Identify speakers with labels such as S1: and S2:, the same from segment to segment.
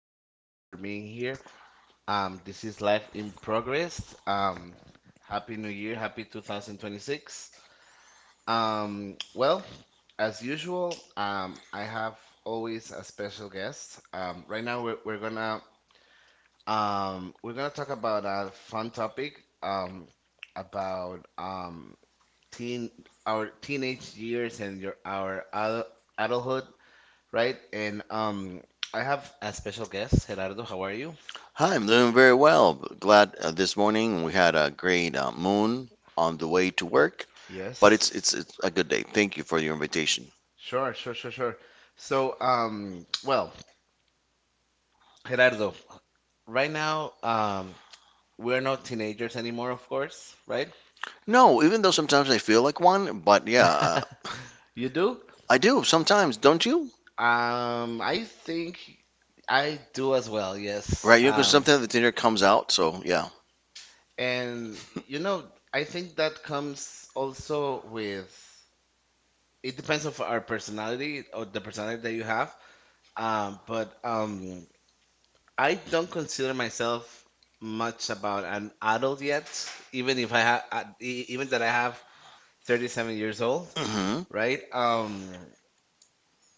S1: much for being here. This is Life in Progress. Um, Happy New Year, happy 2026. Um, well, as usual, I have always a special guest. Right now, we're gonna we're gonna talk about a fun topic about teen our teenage years and your our adulthood, right? And I have a special guest, Gerardo. How are you?
S2: Hi, I'm doing very well. Glad this morning we had a great moon on the way to work, but it's it's
S1: Yes.
S2: it's a good day. Thank you for your invitation.
S1: Sure, sure, sure, sure. So, Gerardo, right now, we're not teenagers anymore, of course, right?
S2: No, even though sometimes I feel like one, but yeah,
S1: You do?
S2: I do sometimes, don't you?
S1: I think I do as well, yes.
S2: Right, because
S1: Um,
S2: sometimes the dinner comes out, so yeah.
S1: and you know, I think that comes also with it depends of our personality or the personality that you have. But I don't consider myself much about an adult yet, even if I have, even that I have 37 years old,
S2: Hmm.
S1: right?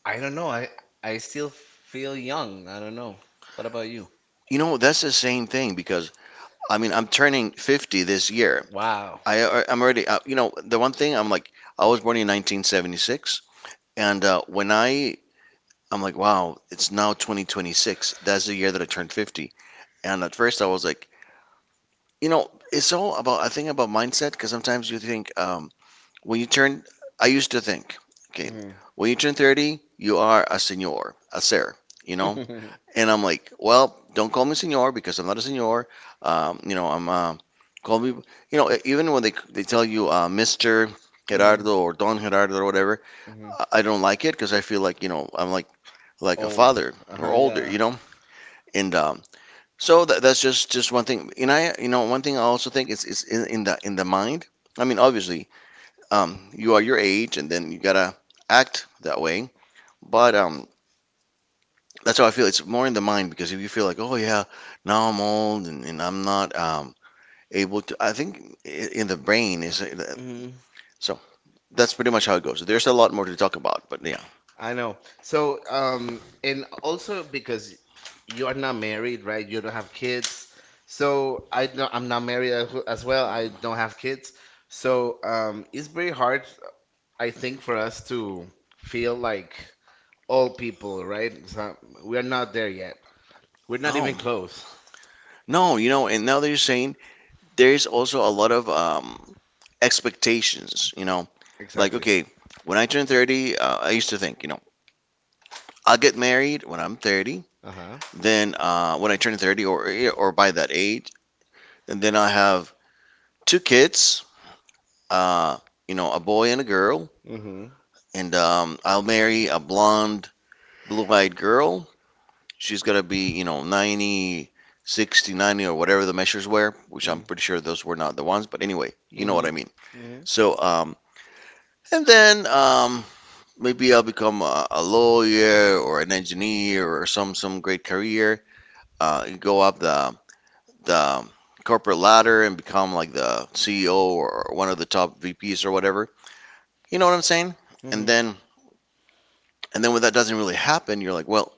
S1: I don't know. I still feel young. I don't know. What about you?
S2: You know, that's the same thing because I mean, I'm turning 50 this year.
S1: Wow.
S2: I'm already, the one thing I'm like, I was born in 1976, and when I I'm like, wow, it's now 2026. That's the year that I turned 50. And at first I was like, it's all about, I think about mindset because sometimes you think, when you turn, I used to think, okay,
S1: Hmm.
S2: when you turn 30, you are a senor, a sir, you know?
S1: Hmm.
S2: And I'm like, well, don't call me senor because I'm not a senor. Um, you know, I'm, uh, Call me, even when they tell you, Mr.
S1: Hmm.
S2: Gerardo or Don Gerardo or whatever, I don't like it because I feel like, you know, I'm like a
S1: Old.
S2: father
S1: Uh-huh,
S2: or older,
S1: yeah.
S2: you know? And so that, that's just one thing. And I, one thing I also think is in the mind. I mean, obviously you are your age, and then you gotta act that way, but that's how I feel. It's more in the mind, because if you feel like, oh yeah, now I'm old, and I'm not able to. I think in the brain is,
S1: Hmm.
S2: so that's pretty much how it goes. There's a lot more to talk about, but yeah.
S1: I know. So, and also because you are not married, right? You don't have kids. So I'm not married as well. I don't have kids. So, it's very hard, I think, for us to feel like all people, right? So we are not there yet. We're not even close.
S2: Oh no, and now that you're saying, there is also a lot of expectations. Like,
S1: Exactly.
S2: okay, when I turn 30, I used to think, I'll get married when I'm 30.
S1: Uh-huh.
S2: Then when I turn 30, or by that age, and then I have two kids, uh, a boy and a girl,
S1: Mm-hmm.
S2: and I'll marry a blonde, blue-eyed girl. She's gonna be, 90, 60, 90, or whatever the measures were, which
S1: Mm-hmm.
S2: I'm pretty sure those were not the ones, but anyway, you know what I
S1: Mm-hmm.
S2: mean. So, and then maybe I'll become a lawyer or an engineer or some great career. You go up the corporate ladder and become like the CEO or one of the top VPs or whatever. You know what I'm saying? And
S1: Mm-hmm.
S2: then and then when that doesn't really happen, you're like, well,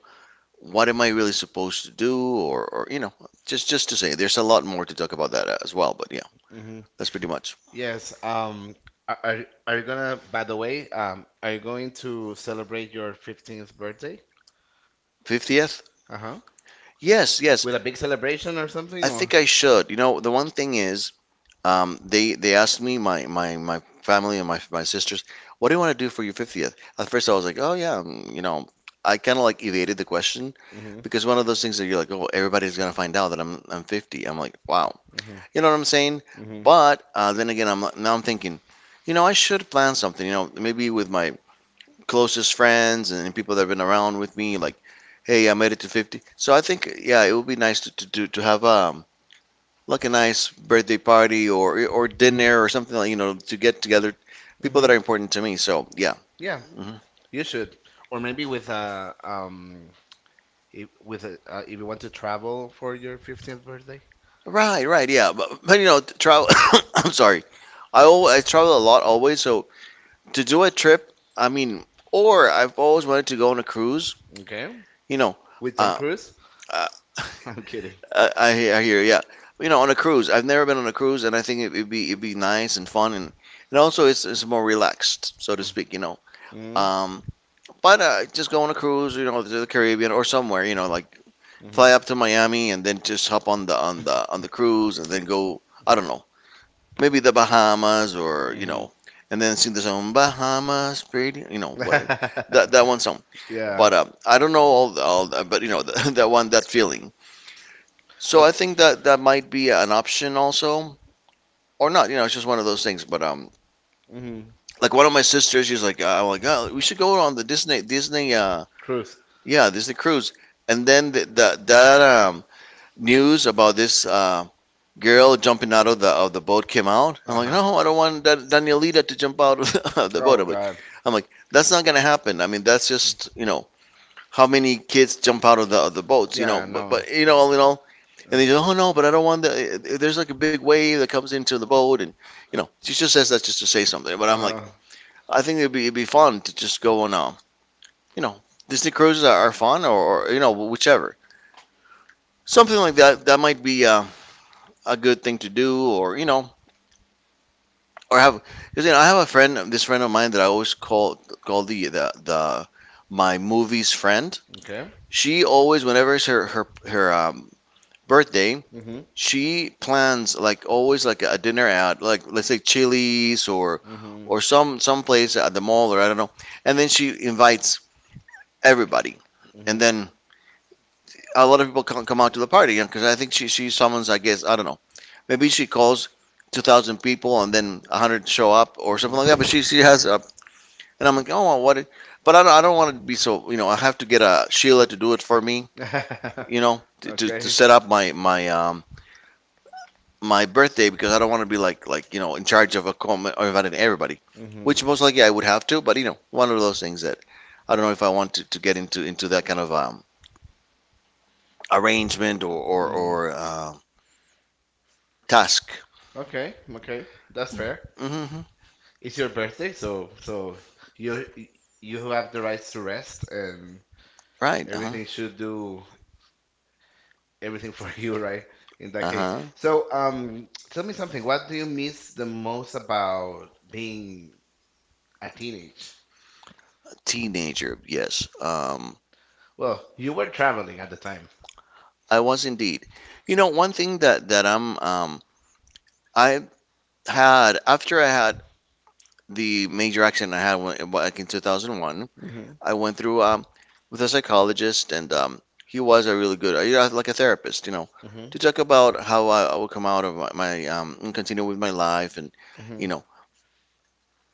S2: what am I really supposed to do? Or, just to say, there's a lot more to talk about that as well, but yeah,
S1: Mm-hmm.
S2: that's pretty much.
S1: Yes. Are you gonna? By the way, are you going to celebrate your 15th birthday?
S2: 50th.
S1: Uh-huh.
S2: Yes, yes. With
S1: With a
S2: a big
S1: big
S2: celebration
S1: celebration or
S2: or something?
S1: something,
S2: I
S1: or?
S2: think I should. You know, the one thing is, they asked me, my my family and my sisters, what do you want to do for your 50th? At first, I was like, oh yeah, I kind of like evaded the question,
S1: Mm-hmm.
S2: because one of those things that you're like, oh, everybody's gonna find out that I'm 50. I'm like, wow,
S1: Mm-hmm.
S2: you know what I'm saying?
S1: Mm-hmm.
S2: But then again, I'm now I'm thinking, I should plan something. You know, maybe with my closest friends and people that have been around with me, like, hey, I made it to 50. So I think, yeah, it would be nice to have like a nice birthday party or
S1: Mhm,
S2: dinner, or something like, to get together people
S1: mhm.
S2: that are important to me. So yeah.
S1: Yeah,
S2: Hmm.
S1: you should. Or maybe with a if, with a if you want to travel for your 15th birthday.
S2: Right, right, yeah. But travel. I'm sorry. I travel a lot always. So to do a trip, I mean, or I've always wanted to go on a cruise.
S1: Okay?
S2: You know,
S1: With Tom
S2: uh,
S1: Cruise?
S2: uh,
S1: I'm kidding.
S2: I hear, yeah. You know, on a cruise. I've never been on a cruise, and I think it'd be nice and fun, and also it's more relaxed, so to speak. You know.
S1: Mm-hmm.
S2: Um, But just go on a cruise, to the Caribbean or somewhere, like fly up to Miami and then just hop on the
S1: Mm-hmm.
S2: cruise, and then go, I don't know, maybe the Bahamas, and then sing the song Bahamas, pretty, what, that one song.
S1: Yeah.
S2: But I don't know. But that one, that feeling. So I
S1: Okay.
S2: think that might be an option also, or not. You know, it's just one of those things. But
S1: Mm-hmm.
S2: like one of my sisters, she's like, I'm like, oh, we should go on the Disney.
S1: Cruise.
S2: Yeah, Disney Cruise. And then the that news about this girl jumping out of the boat came out. I'm like,
S1: Uh-huh.
S2: no, I don't want Danielita to jump out of the, of the boat.
S1: Oh God.
S2: I'm like, that's not gonna happen. I mean, that's just how many kids jump out of the boats.
S1: Yeah,
S2: But
S1: no.
S2: but you know all in all,
S1: Uh,
S2: and they go, oh no, but I don't want the. There's like a big wave that comes into the boat, and she just says that just to say something. But I'm like,
S1: uh-huh.
S2: I think it'd be fun to just go on, you know, Disney cruises are fun, or whichever. Something like that might be a good thing to do, or or have, because I have a friend. This friend of mine that I always call the my movies friend,
S1: Okay.
S2: she always, whenever it's her birthday,
S1: Mm-hmm.
S2: she plans, like always, like a dinner out, like, let's say Chili's or
S1: Mm-hmm.
S2: or some place at the mall, or I don't know, and then she invites everybody.
S1: Mm-hmm.
S2: And then a lot of people come out to the party, because I think she summons, I guess, I don't know. Maybe she calls 2,000 people and then 100 show up or
S1: Mm-hmm.
S2: something like that. But she has a, and I'm like, oh, well, what? It- But I don't want to be so, I have to get a Sheila to do it for me, to
S1: Okay.
S2: set up my birthday, because I don't want to be like in charge of a com, or inviting everybody,
S1: Mm-hmm.
S2: which most likely I would have to. But one of those things that I don't know if I want to get into that kind of arrangement, or or,
S1: Mm-hmm.
S2: or uh, task.
S1: Okay. Okay. That's fair.
S2: Hmm.
S1: It's your birthday, so so you you have the rights to rest, and
S2: Right. Uh-huh.
S1: everything should do everything for you, right? In that case.
S2: Uh-huh.
S1: So, tell me something. What do you miss the most about being a teenage?
S2: Teenager, yes.
S1: Well, you were traveling at the time.
S2: I was indeed. You know, one thing that I had, after I had the major accident I had when, back in 2001,
S1: Mm-hmm.
S2: I went through with a psychologist, and he was a really good, like a therapist, you know,
S1: Mm-hmm.
S2: to talk about how I would come out of my, and continue with my life, and
S1: Mm-hmm.
S2: you know,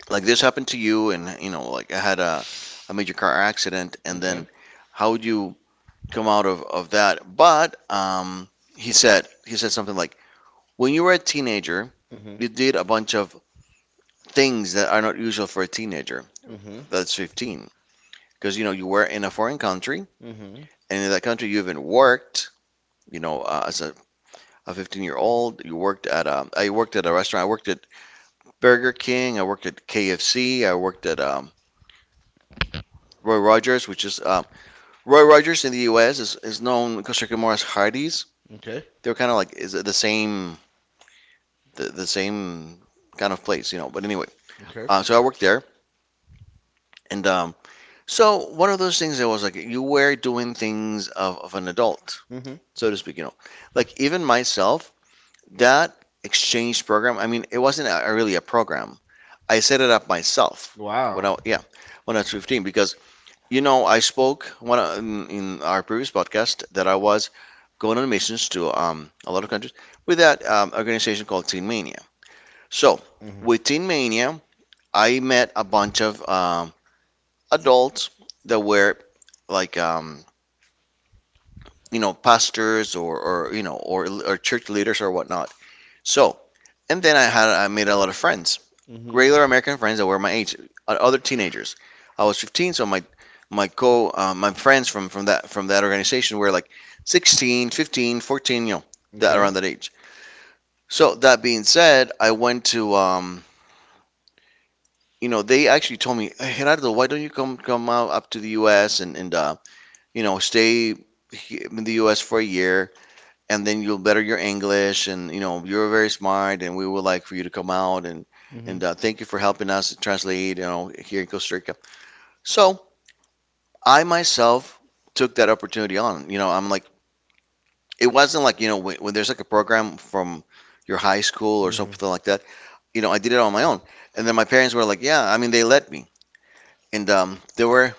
S2: like this happened to you, and you know, like I had a major car accident, and
S1: Okay.
S2: then how would you come out of that. But he said, something like, "When you were a teenager,
S1: Mm-hmm.
S2: you did a bunch of things that are not usual for a teenager
S1: Mm-hmm.
S2: that's 15, because you were in a foreign country,
S1: Mm-hmm.
S2: and in that country you even worked. You know, as a 15-year-old, you worked at a restaurant. I worked at Burger King. I worked at KFC. I worked at Roy Rogers, which is Roy Rogers in the U.S. is known in Costa Rica more as Hardee's.
S1: Okay.
S2: They're kind of like is the same, the same kind of place. But anyway,
S1: Okay.
S2: so I worked there, and so one of those things that was like you were doing things of an adult,
S1: Mm-hmm.
S2: so to speak. Like even myself, that exchange program. I mean, it wasn't really a program. I set it up myself. Wow. When
S1: Wow.
S2: I, yeah, when I was 15, because I spoke in our previous podcast that I was going on missions to a lot of countries with that organization called Teen Mania. So with
S1: Mm-hmm.
S2: Teen Mania, I met a bunch of adults that were like, um, you know, pastors or you know, or church leaders or whatnot. So, and then I made a lot of friends, regular
S1: Mm-hmm.
S2: American friends that were my age, other teenagers. I was 15, so my friends from that organization were like 16, 15, 14, you know, that
S1: Okay.
S2: around that age. So that being said, I went to you know, they actually told me, hey, Gerardo, why don't you come out up to the U.S. and you know, stay in the US for a year, and then you'll better your English, and you know, you're very smart and we would like for you to come out and
S1: Mm-hmm.
S2: thank you for helping us translate, you know, here in Costa Rica. So, I myself took that opportunity on. You know, I'm like, it wasn't like, you know, when there's like a program from your high
S1: Or
S2: school or
S1: mm-hmm.
S2: something like that. You know, I did it on my own. And then my parents were like, "Yeah, I mean, they let me." And they were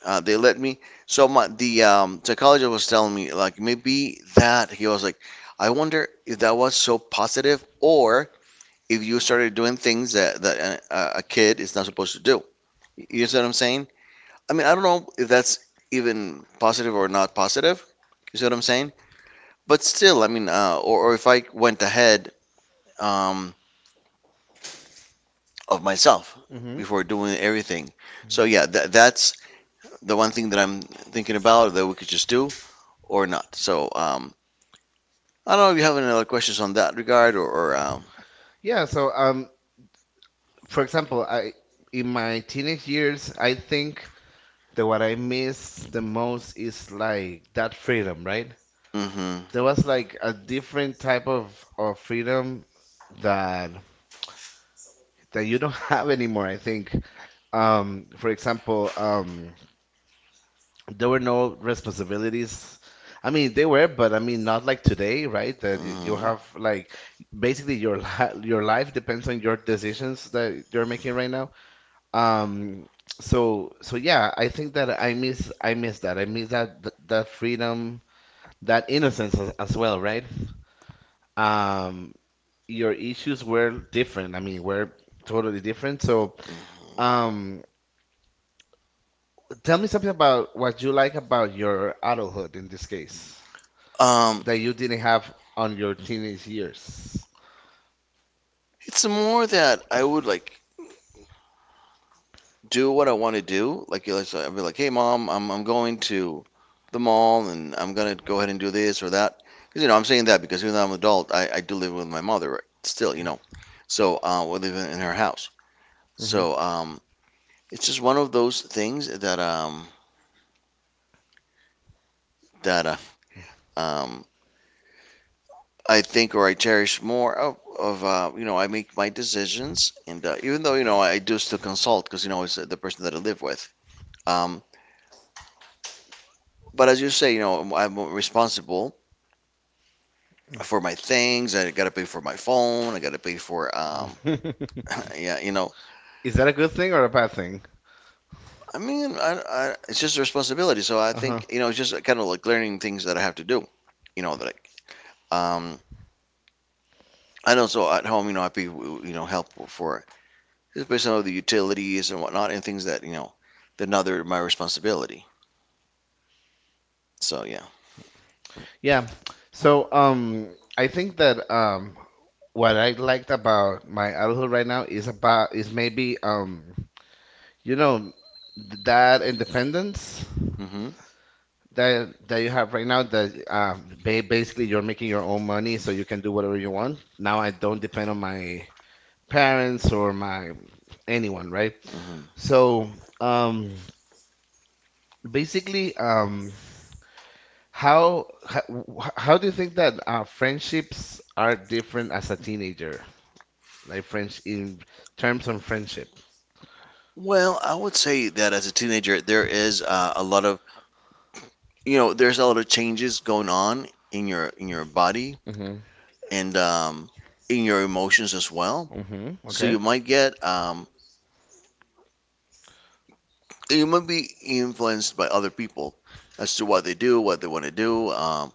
S2: They let me. So my the psychologist was telling me like, maybe that, he was like, I wonder if that was so positive, or if you started doing things that a kid is not supposed to do. You see what I'm saying? I mean, I don't know if that's even positive or not positive. You see what I'm saying? But still, I mean, or if I went ahead um, of myself
S1: Mm-hmm.
S2: before doing everything. So
S1: Hmm.
S2: yeah, that's the one thing that I'm thinking about that we could just do or not. So I don't know if you have any other questions on that regard, or
S1: Yeah, so for example, I in my teenage years, I think that what I miss the most is like that freedom, right?
S2: mhm,
S1: There was like a different type of freedom that you don't have anymore, I think. For example. There were no responsibilities. I mean, they were, but I mean, not like today, right? That you
S2: mhm,
S1: have like basically your your life depends on your decisions that you're making right now. Um, so so yeah, I think that I miss that. I miss that that freedom, that innocence as well, right? Um, your issues were different. I mean, were totally different. So,
S2: mhm.
S1: um, tell me something about what you like about your adulthood in this case.
S2: Um,
S1: That you didn't have on your teenage years?
S2: it's more that I would like do what I want to do. Like, you know, so I'd be like, hey, mom, I'm going to the mall and I'm gonna go ahead and do this or that. Because, you know, I'm saying that because even though I'm an adult, I do live with my mother, right? Still, you know. So, we live in her house.
S1: Hmm.
S2: So, it's just one of those things that, um, I think, or I cherish more of, you know, I make my decisions. And even though, you know, I do still consult because, you know, it's, the person that I live with. Um, but as you say, you know, I'm responsible for my things. I got to pay for my phone. I got to pay for, yeah, you know,
S1: Is that a good thing or a bad thing?
S2: I mean, it's just a responsibility. So I
S1: Uh-huh.
S2: think, you know, it's just kind of like learning things that I have to do, you know, that I, um, I know. So at home, you know, I pay, you know, help for, just based on the utilities and whatnot, and things that, you know, they're not they're my responsibility. So yeah.
S1: Yeah. So, I think that what I liked about my adulthood right now is about is maybe you know, that independence.
S2: hmm
S1: That that you have right now that basically you're making your own money so you can do whatever you want now. I don't depend on my parents or my anyone, right?
S2: hmm
S1: So um basically, how how, how do you think that friendships are different as a teenager? Like french in terms of friendship.
S2: Well, I would say that as a teenager, there is, a lot of, you know, there's a lot of changes going on in your body
S1: Mm-hmm.
S2: and in your emotions as well.
S1: Mm-hmm.
S2: So
S1: Okay.
S2: you might get you might be influenced by other people as to what they do, what they want to do.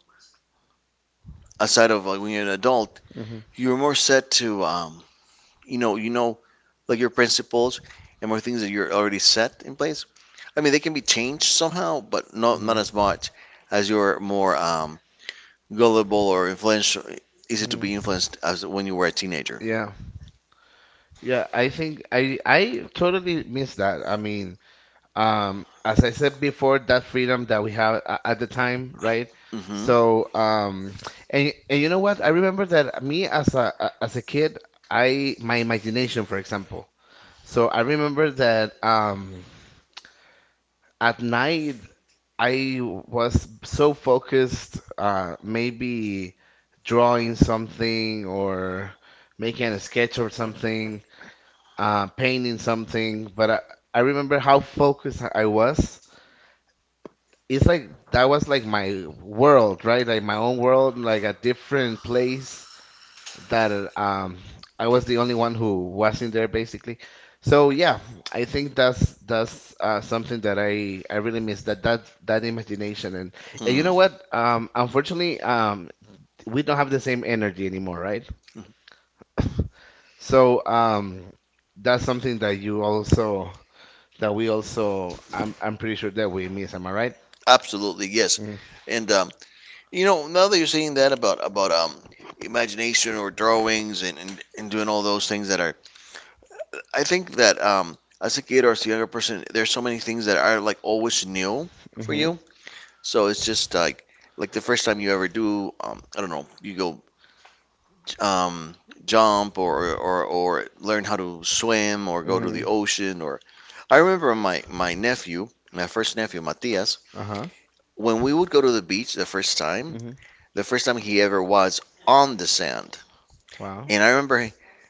S2: Aside of like, when you're an adult,
S1: Mm-hmm.
S2: you're more set to you know, like your principles and more things that you're already set in place. I mean, they can be changed somehow, but not
S1: Mm-hmm.
S2: as much, as you're more gullible or influential, easy to
S1: Mm.
S2: be influenced as when you were a teenager.
S1: Yeah. Yeah, I think I totally miss that. I mean, as I said before, that freedom that we have at the time, right?
S2: Hmm
S1: So, and you know what? I remember that me as a as a kid, I my imagination, for example. So I remember that at night, I was so focused, maybe drawing something or making a sketch or something, painting something, but I remember how focused I was. It's like that was like my world, right? Like my own world, like a different place that I was the only one who was in there, basically. So yeah, I think that's something that I really miss, that imagination. And you know what? Unfortunately, we don't have the same energy anymore, right? So that's something that you also that we also — I'm pretty sure that we miss. Am I right?
S2: Absolutely, yes.
S1: Mm-hmm.
S2: And you know, now that you're saying that about imagination or drawings, and and doing all those things that are, I think that, as a kid or as a younger person, there's so many things that are like always new for
S1: Hmm.
S2: you. So it's just like, the first time you ever do, I don't know, you go, um, jump, or learn how to swim, or go to the
S1: Mm.
S2: ocean. Or I remember my nephew, my first nephew, Matias,
S1: Uh-huh.
S2: when we would go to the beach the first time,
S1: Mm. Hmm.
S2: the first time he ever was on the sand,
S1: Wow.
S2: and I remember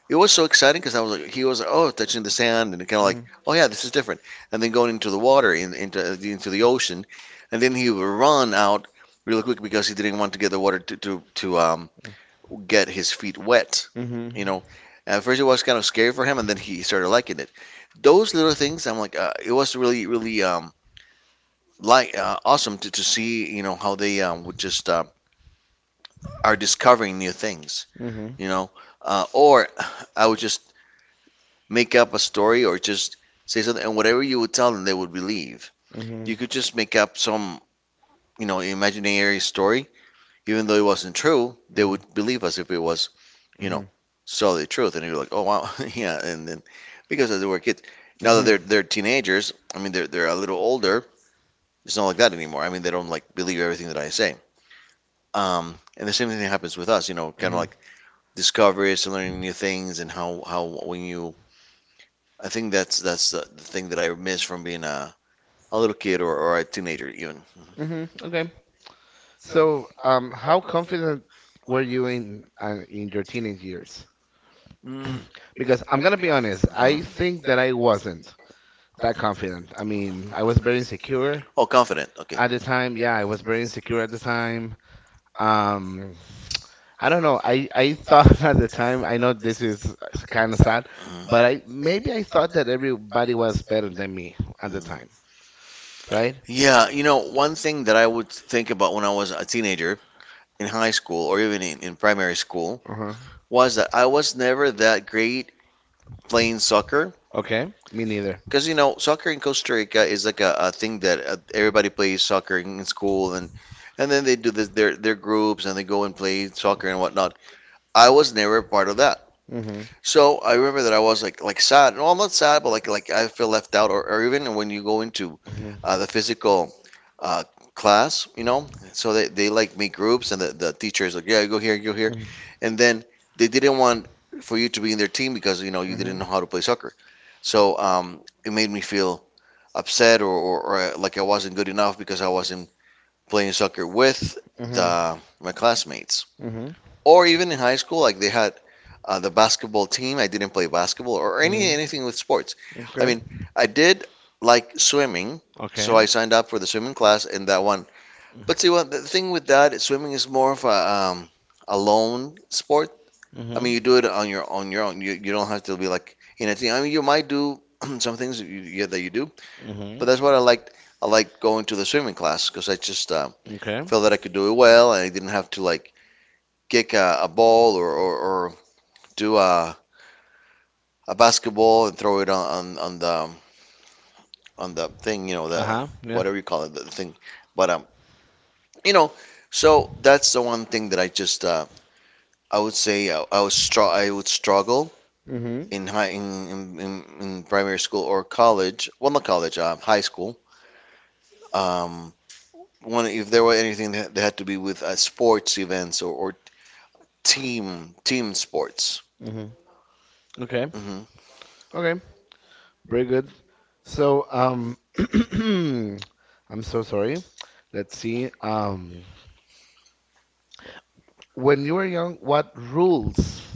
S2: it was so exciting, because I was like, he was like, oh, touching the sand, and kind of like,
S1: Mm.
S2: oh yeah, this is different, and then going into the water into the ocean, and then he would run out really quick because he didn't want to get the water to, get his feet wet,
S1: Hmm. Mm. Hmm.
S2: you know. At first it was kind of scary for him, and then he started liking it. Those little things, I'm like, it was really like, awesome to see, you know, how they would just, are discovering new things,
S1: Mm. Hmm. Mm. Hmm.
S2: you
S1: Mm.
S2: know. Or I would just make up a story, or just say something, and whatever you would tell them, they would believe.
S1: hmm
S2: You could just make up some, you know, imaginary story, even though it wasn't true, they would believe us if it was, you
S1: hmm. Hmm.
S2: know,
S1: Hmm.
S2: so the truth. And you're like, oh wow, yeah. And then, because as they were kids, now that they're teenagers, I mean, they're a little older. It's not like that anymore. I mean, they don't like believe everything that I say. And the same thing happens with us, you know, kind of like discoveries and learning new things, and how when you, I think that's the, thing that I miss from being a little kid, or a teenager even?
S1: Hmm. Okay. So, how confident were you in your teenage years?
S2: Mm,
S1: Because I'm gonna be honest, I think that I wasn't that confident. I mean, I was very insecure
S2: oh, confident. Okay.
S1: at the time. Yeah, I was very insecure at the time. Um, I don't know. I thought at the time. I know this is kind of sad,
S2: Mhm.
S1: but I maybe I thought that everybody was better than me at the time, right?
S2: Yeah, you know, one thing that I would think about when I was a teenager in high school, or even in, primary school,
S1: Uh-huh.
S2: was that I was never that great playing soccer.
S1: Okay, me neither.
S2: Because, you know, soccer in Costa Rica is like a thing that, everybody plays soccer in school, and then they do this, their groups, and they go and play soccer and whatnot. I was never part of that. So I remember that I was like, sad. No, I'm not sad, but like, I feel left out, or
S1: Mm-hmm.
S2: even when you go into, the physical, uh, class, you know. So they like make groups, and the teacher is like, yeah, go here,
S1: Mm.
S2: and then they didn't want for you to be in their team because you know you didn't know how to play soccer. So it made me feel upset, or like I wasn't good enough because I wasn't playing soccer with
S1: Mhm.
S2: the my classmates.
S1: Mhm.
S2: Or even in high school, like they had, the basketball team. I didn't play basketball or anything with sports. I
S1: Okay.
S2: mean, I did like swimming, so I signed up for the swimming class and that one. But see,
S1: Point.
S2: what the thing with that, is swimming is more of a, a lone sport. I
S1: Um,
S2: mean, you do it on your own. You don't have to be like in a team. I mean, you might do some things that you, yeah, that you do,
S1: your own.
S2: but
S1: Mhm.
S2: that's what I liked. I liked going to the swimming class because I just,
S1: Okay.
S2: felt
S1: Of
S2: that I could do it well, and I didn't have to like kick a ball, or, do a basketball and throw it on the, on the thing, you know, the whatever you call it, the thing. But you know, so that's the one thing that I just, I would say, I would struggle
S1: the thing.
S2: in, in primary school or college. Well, not college, high school. Um, One, if there were anything that had to be with, sports events, or, team sports.
S1: Mhm. Mhm. Okay.
S2: Hmm
S1: Okay. Very good. So I'm so sorry. Let's see. When you were young, what rules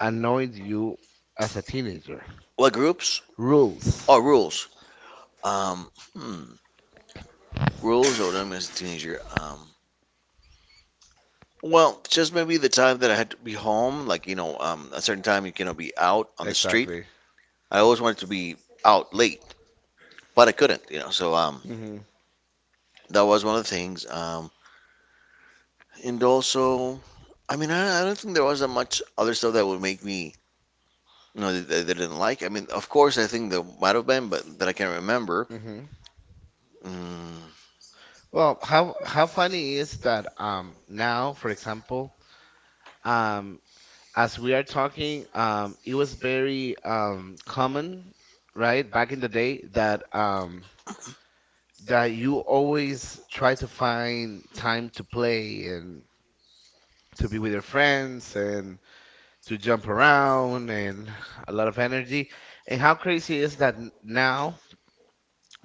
S1: annoyed you as a teenager?
S2: What groups?
S1: Rules.
S2: Oh, rules. Um, hmm. Rules. Oh, I'm, as a teenager. Well, just maybe the time that I had to be home, like, you know, a certain time you cannot be out on the street.
S1: Exactly.
S2: I always wanted to be out late, but I couldn't, you know. So
S1: Hmm.
S2: that was one of the things. And also, I mean, I don't think there was that much other stuff that would make me, you know, that I didn't like. I mean, of course, I think there might have been, but that I can not remember.
S1: Hmm.
S2: Mm,
S1: Well, how funny is that? Now, for example, um, as we are talking, it was very common, right, back in the day, that that you always try to find time to play and to be with your friends and to jump around and a lot of energy. And how crazy is that now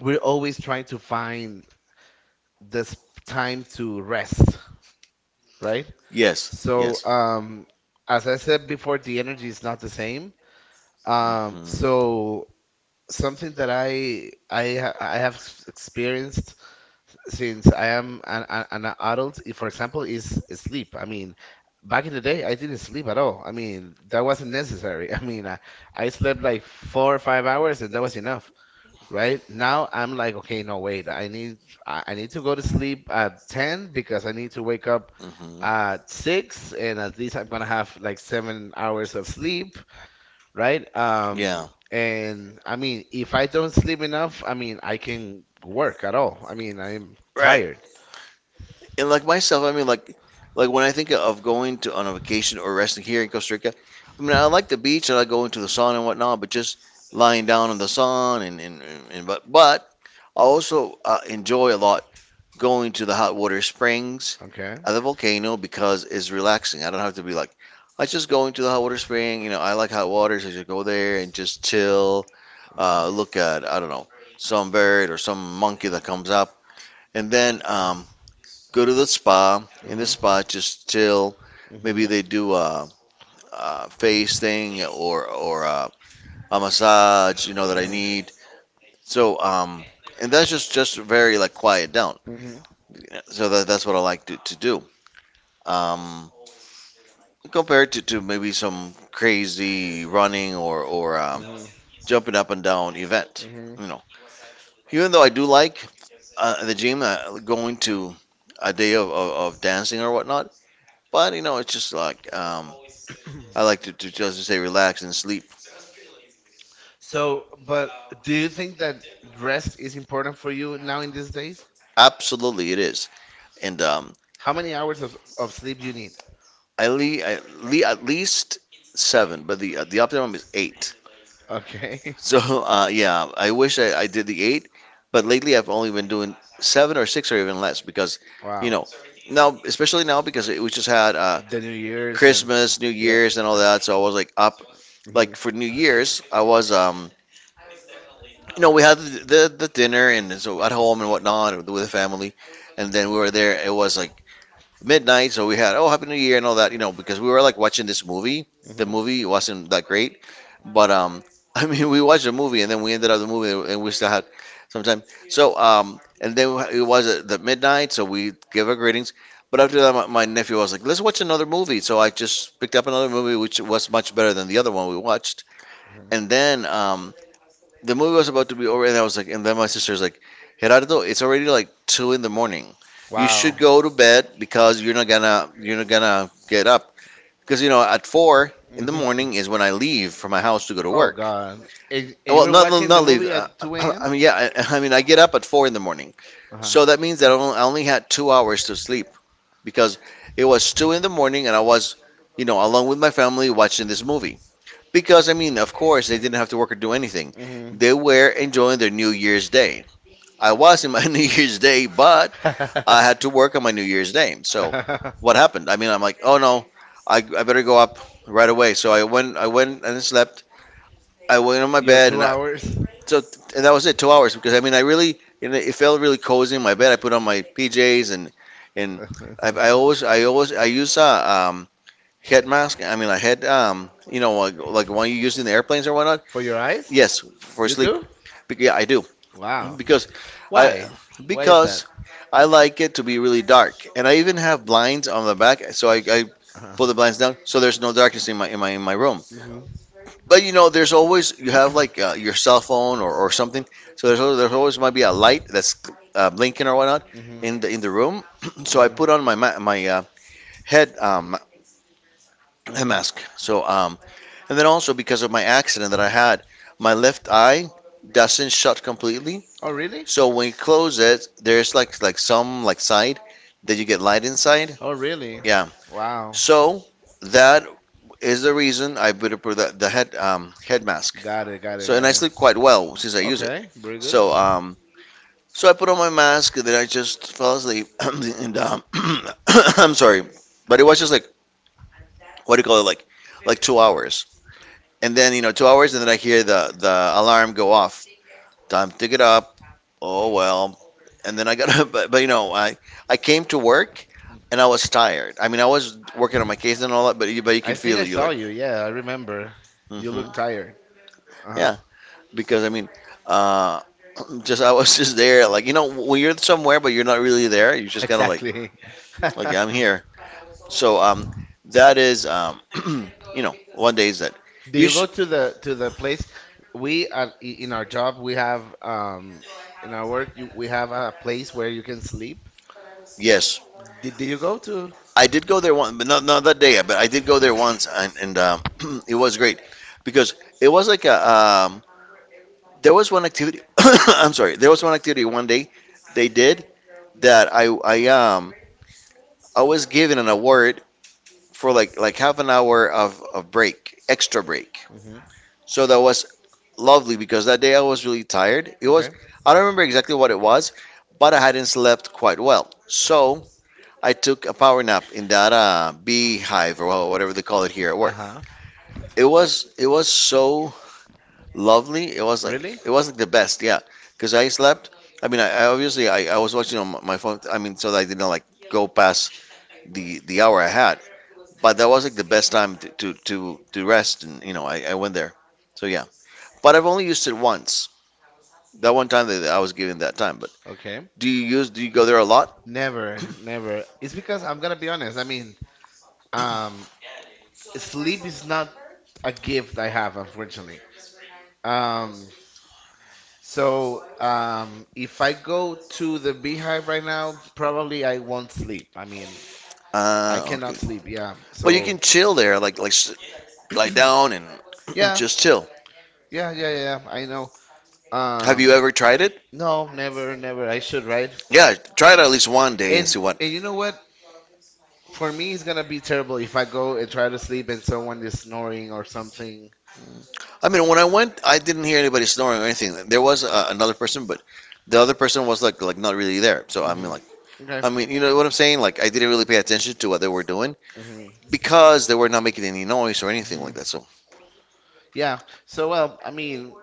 S1: we're always trying to find this time to rest, right?
S2: yes,
S1: So,
S2: yes.
S1: as I said before, the energy is not the same. Um,
S2: hmm
S1: so something that I have experienced since I am an adult, if, for example, is sleep. I mean, back in the day, I didn't sleep at all. I mean, that wasn't necessary. I mean, I slept like 4 or 5 hours, and that was enough, right? Now I'm like, okay, no, wait, I need to go to sleep at 10 because I need to wake up
S2: hmm
S1: at 6, and at least I'm gonna have like 7 hours of sleep, right?
S2: Yeah.
S1: And I mean, if I don't sleep enough, I mean, I can work at all. I mean, I'm
S2: Right.
S1: tired.
S2: and like myself, I mean, like when I think of going to on a vacation or resting here in Costa Rica, I mean, I like the beach and I go into the sun and whatnot, but just lying down in the sun and but I also enjoy a lot going to the hot water springs
S1: Okay.
S2: at the volcano because it's relaxing. I don't have to be like, I just go into the hot water spring. You know, I like hot water, so I just go there and just chill,
S1: Mm-hmm.
S2: look at I don't know some bird or some monkey that comes up, and then go to the spa. In the
S1: Mm-hmm.
S2: spa, just chill. Maybe
S1: Mm-hmm.
S2: they do a face thing or a massage, you know, that I
S1: Mm-hmm.
S2: need. So, and that's just very like quiet down.
S1: Mm-hmm.
S2: So that's what I like to do. Um, Compared to maybe some crazy running or jumping up and down event,
S1: Mm-hmm.
S2: you know. Even though I do like the gym, going to a day of dancing or whatnot, but you know, it's just like I like to just say relax and sleep.
S1: So, but do you think that rest is important for you now in these days?
S2: Absolutely, it is. And um,
S1: How many hours of sleep you need?
S2: I, le- I le- at least seven, but the optimum is eight.
S1: Okay.
S2: So yeah, I wish I did the eight, but lately I've only been doing seven or six or even less because, you
S1: Wow.
S2: know, now especially now because we just had
S1: The New Year's and
S2: Christmas, New
S1: yeah.
S2: Year's, and all that. So I was like up like for New
S1: Mm-hmm.
S2: Year's, I was you know, we had the dinner and so at home and whatnot with the family, and then we were there. It was like midnight, so we had, oh, Happy New Year and all that, you know, because we were like watching this movie. The
S1: Mm-hmm.
S2: movie wasn't that great, but I mean we watched the movie and then we ended up the movie and we still had some time. So and then it was at the midnight, so we gave our greetings. But after that, my nephew was like, "Let's watch another movie." So I just picked up another movie, which was much better than the other one we watched.
S1: Mhm.
S2: And then the movie was about to be over, and I was like, and then my sister's like, Gerardo, it's already like 2 in the morning. You should
S1: Wow.
S2: go to bed because you're not gonna get up because you know at four in the
S1: Mhm.
S2: morning is when I leave from my house to go to
S1: Oh
S2: work.
S1: God. And you
S2: Well,
S1: were
S2: not not
S1: watching the
S2: not leave.
S1: movie at 2 a.m.
S2: I mean, yeah, I mean, I get up at 4 in the morning,
S1: Uh huh.
S2: so that means that I only had 2 hours to sleep because it was 2 in the morning and I was, you know, along with my family watching this movie. Because, I mean, of course, they didn't have to work or do anything.
S1: Mhm.
S2: They were enjoying their New Year's Day. I was in my New Year's Day, but I had to work on my New Year's Day. So, what happened? I mean, I'm like, oh, no, I better go up right away. So I went and slept. I went on my
S1: Your
S2: bed,
S1: two
S2: and
S1: hours
S2: so and that was it, 2 hours. Because I mean, I really, you know, it felt really cozy in my bed. I put on my PJs, and and I use a head mask. I mean, a head, you know, like one you use in the airplanes or whatnot.
S1: For your eyes?
S2: Yes, for
S1: You
S2: sleep.
S1: do?
S2: Yeah, I do
S1: Wow.
S2: because I
S1: Why? Why is that?
S2: because I like it to be really dark, and I even have blinds on the back, so I
S1: Uh-huh.
S2: pull the blinds down so there's no darkness in my room.
S1: Mhm.
S2: But you know, there's always you have like your cell phone or something, so there's always might be a light that's blinking or whatnot
S1: Mhm.
S2: in the room. So I
S1: Mhm.
S2: put on my head
S1: Mhm.
S2: mask. So and then also because of my accident that I had, my left eye doesn't shut completely.
S1: Oh, really?
S2: So when you close it, there's like some like side that you get light inside.
S1: Oh, really?
S2: Yeah.
S1: Wow.
S2: So that is the reason I put up with the head head mask.
S1: Got it, got it,
S2: So and
S1: got
S2: I
S1: it.
S2: sleep quite well since I use it.
S1: Okay, very good.
S2: So um so I put on my mask and then I just fell asleep and I'm sorry, but it was just like, what do you call it, like 2 hours, and then you know 2 hours, and then I hear the alarm go off. Time to get up. Oh well, and then I got, but you know, I came to work
S1: Mm.
S2: and I was tired. I mean, I was working on my case and all that, but you
S1: I
S2: can
S1: think
S2: feel.
S1: I
S2: You
S1: saw
S2: like,
S1: you. Yeah, I remember. You
S2: hmm,
S1: look tired. Uh-huh.
S2: yeah, because I mean, uh, just I was just there, like, you know, when you're somewhere but you're not really there, you're just kind of like,
S1: Exactly.
S2: okay, I'm here. So that is, you know, one day is that
S1: Do
S2: you
S1: you
S2: sh-
S1: go to the place? We at, in our job we have in our work you, we have a place where you can sleep.
S2: yes,
S1: Did you go to?
S2: I did go there one, but not that day, but I did go there once, and it was great because it was like a there was one activity. I'm sorry. There was one activity one day they did that I was given an award for like half an hour of break, extra break.
S1: Hmm.
S2: So that was lovely because that day I was really tired. It was,
S1: Okay.
S2: I don't remember exactly what it was, but I hadn't slept quite well. So I took a power nap in that beehive, or whatever they call it here at work.
S1: Uh-huh.
S2: It was so lovely. It was like
S1: Really?
S2: it was like the best, yeah. Because I slept. I mean, I obviously I was watching on my phone. I mean, so that I didn't like go past the hour I had. But that was like the best time to rest, and you know, I went there. So yeah. But I've only used it once. That one time that I was given that time. But
S1: Okay.
S2: do you use? Do you go there a lot?
S1: Never, never. It's because I'm gonna be honest. I mean, um, sleep is not a gift I have, unfortunately. Um, so if I go to the beehive right now, probably I won't sleep. I mean, I
S2: Okay.
S1: cannot sleep. Yeah.
S2: But you
S1: So
S2: can chill there, lie down and
S1: yeah,
S2: just chill.
S1: yeah, yeah, yeah. Yeah, I know.
S2: Have you
S1: Um,
S2: ever tried it?
S1: no, never, never. I should, right?
S2: Yeah, try it at least one day and see what.
S1: And you know what? For me, it's gonna be terrible if I go and try to sleep and someone is snoring or something.
S2: I mean, when I went, I didn't hear anybody snoring or anything. There was another person, but the other person was like not really there. So I mean,
S1: Hmm.
S2: like,
S1: Okay.
S2: I mean, you know what I'm saying? Like I didn't
S1: Hmm.
S2: really pay attention to what they were doing
S1: Hmm.
S2: because they were not making any noise or anything
S1: Hmm.
S2: like that. So
S1: Yeah. So well, I mean,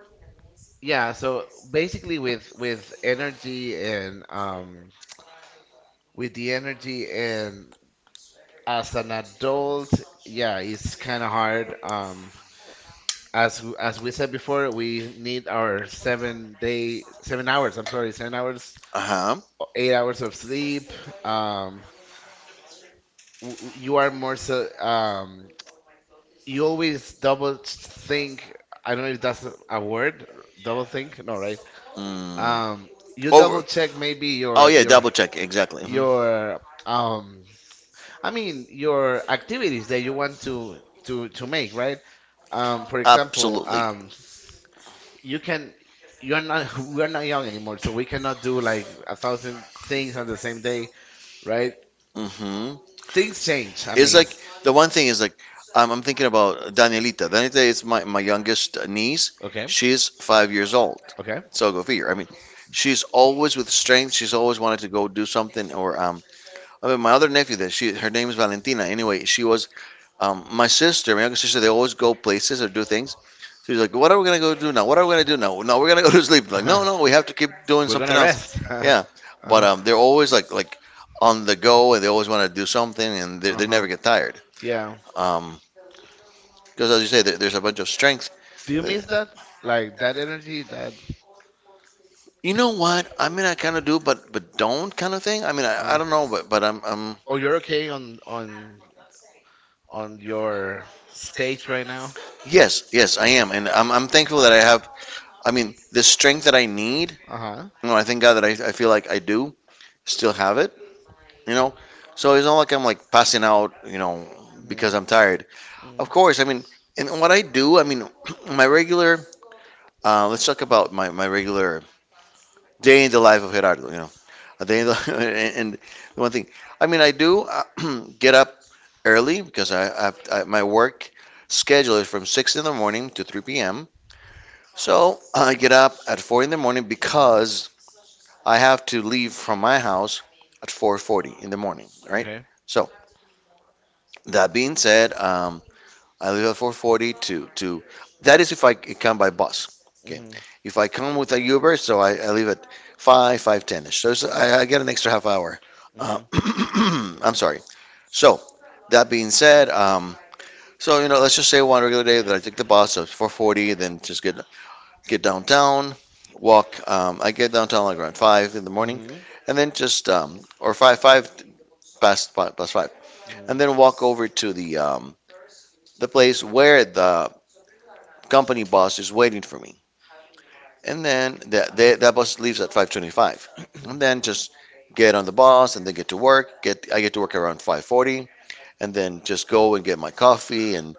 S1: yeah. So basically, with energy and with the energy and as an adult, yeah, it's kind of hard. As as we said before, we need our 7 day, 7 hours. I'm sorry, 7 hours
S2: uh huh.
S1: 8 hours of sleep. Um, you are more so. You always double think. I don't know if that's a word. Double think? No, right?
S2: Mm.
S1: Um, you double
S2: Over.
S1: check maybe
S2: Oh yeah,
S1: your
S2: double check, exactly. Hmm.
S1: your um. I mean your activities that you want to to make, right? For example,
S2: Absolutely.
S1: you can you're not we're not young anymore so we cannot do like 1,000 things on the same day, right?
S2: Hmm.
S1: Things change. I
S2: It's
S1: mean,
S2: like, the one thing is like, I'm thinking about Danielita. Danielita is my youngest niece.
S1: okay.
S2: She's 5 years old.
S1: Okay.
S2: So go figure. I mean, she's always with strength. She's always wanted to go do something. Or I mean, my other nephew, that she, her name is Valentina. Anyway, she was my sister, my younger sister. They always go places or do things. She's like, what are we gonna go do now? What are we gonna do now? No, we're gonna go to sleep. Like,
S1: Uh-huh.
S2: no, no, we have to keep doing
S1: Are gonna
S2: something
S1: rest.
S2: else. Yeah, but
S1: Uh-huh.
S2: they're always like on the go, and they always want to do something, and they,
S1: Like,
S2: they
S1: uh-huh.
S2: never get tired.
S1: Yeah.
S2: Um, because as you say, there's a bunch of strength.
S1: Do you miss that? Like that energy, that
S2: You know what? I mean, I kind of do, but don't, kind of thing. I mean, I
S1: uh
S2: don't know, but I'm
S1: oh, you're okay on on your stage right now?
S2: yes, yes,
S1: Uh,
S2: I am, and I'm thankful that I have. I mean, the strength that I need.
S1: uh-huh.
S2: You know, I thank God that I feel like I do still have it. You know, so it's not like I'm like passing out. You know,
S1: Hmm.
S2: because I'm tired.
S1: Hmm.
S2: Of course, I mean, and what I do. I mean, my regular. Let's talk about my regular day in the life of Gerardo. You know, a day in the, and the one thing. I mean, I do get up early because I my work schedule is from 6 in the morning to 3 p.m. So I get up at 4 in the morning
S1: Mhm.
S2: because I have to leave from my house at 4:40 in the morning, right?
S1: Okay.
S2: So that being said, I leave at 4:40 to that is if I come by bus. Okay,
S1: Mhm.
S2: if I come with a Uber, so I leave at 5 5:10ish. So it's,
S1: Mhm.
S2: I get an extra half hour.
S1: Mhm.
S2: Uh,
S1: Mhm.
S2: I'm sorry. So that being said, let's just say one regular day that I take the bus at 4:40, then just get downtown, walk. I get downtown like around five in the
S1: Mhm.
S2: morning,
S1: Mhm.
S2: and then just, or five past five, and then walk over to the place where the company bus is waiting for me, and then that bus leaves at 5:25, and then just get on the bus and then get to work. Get I get to work around 5:40, and then just go and get my coffee and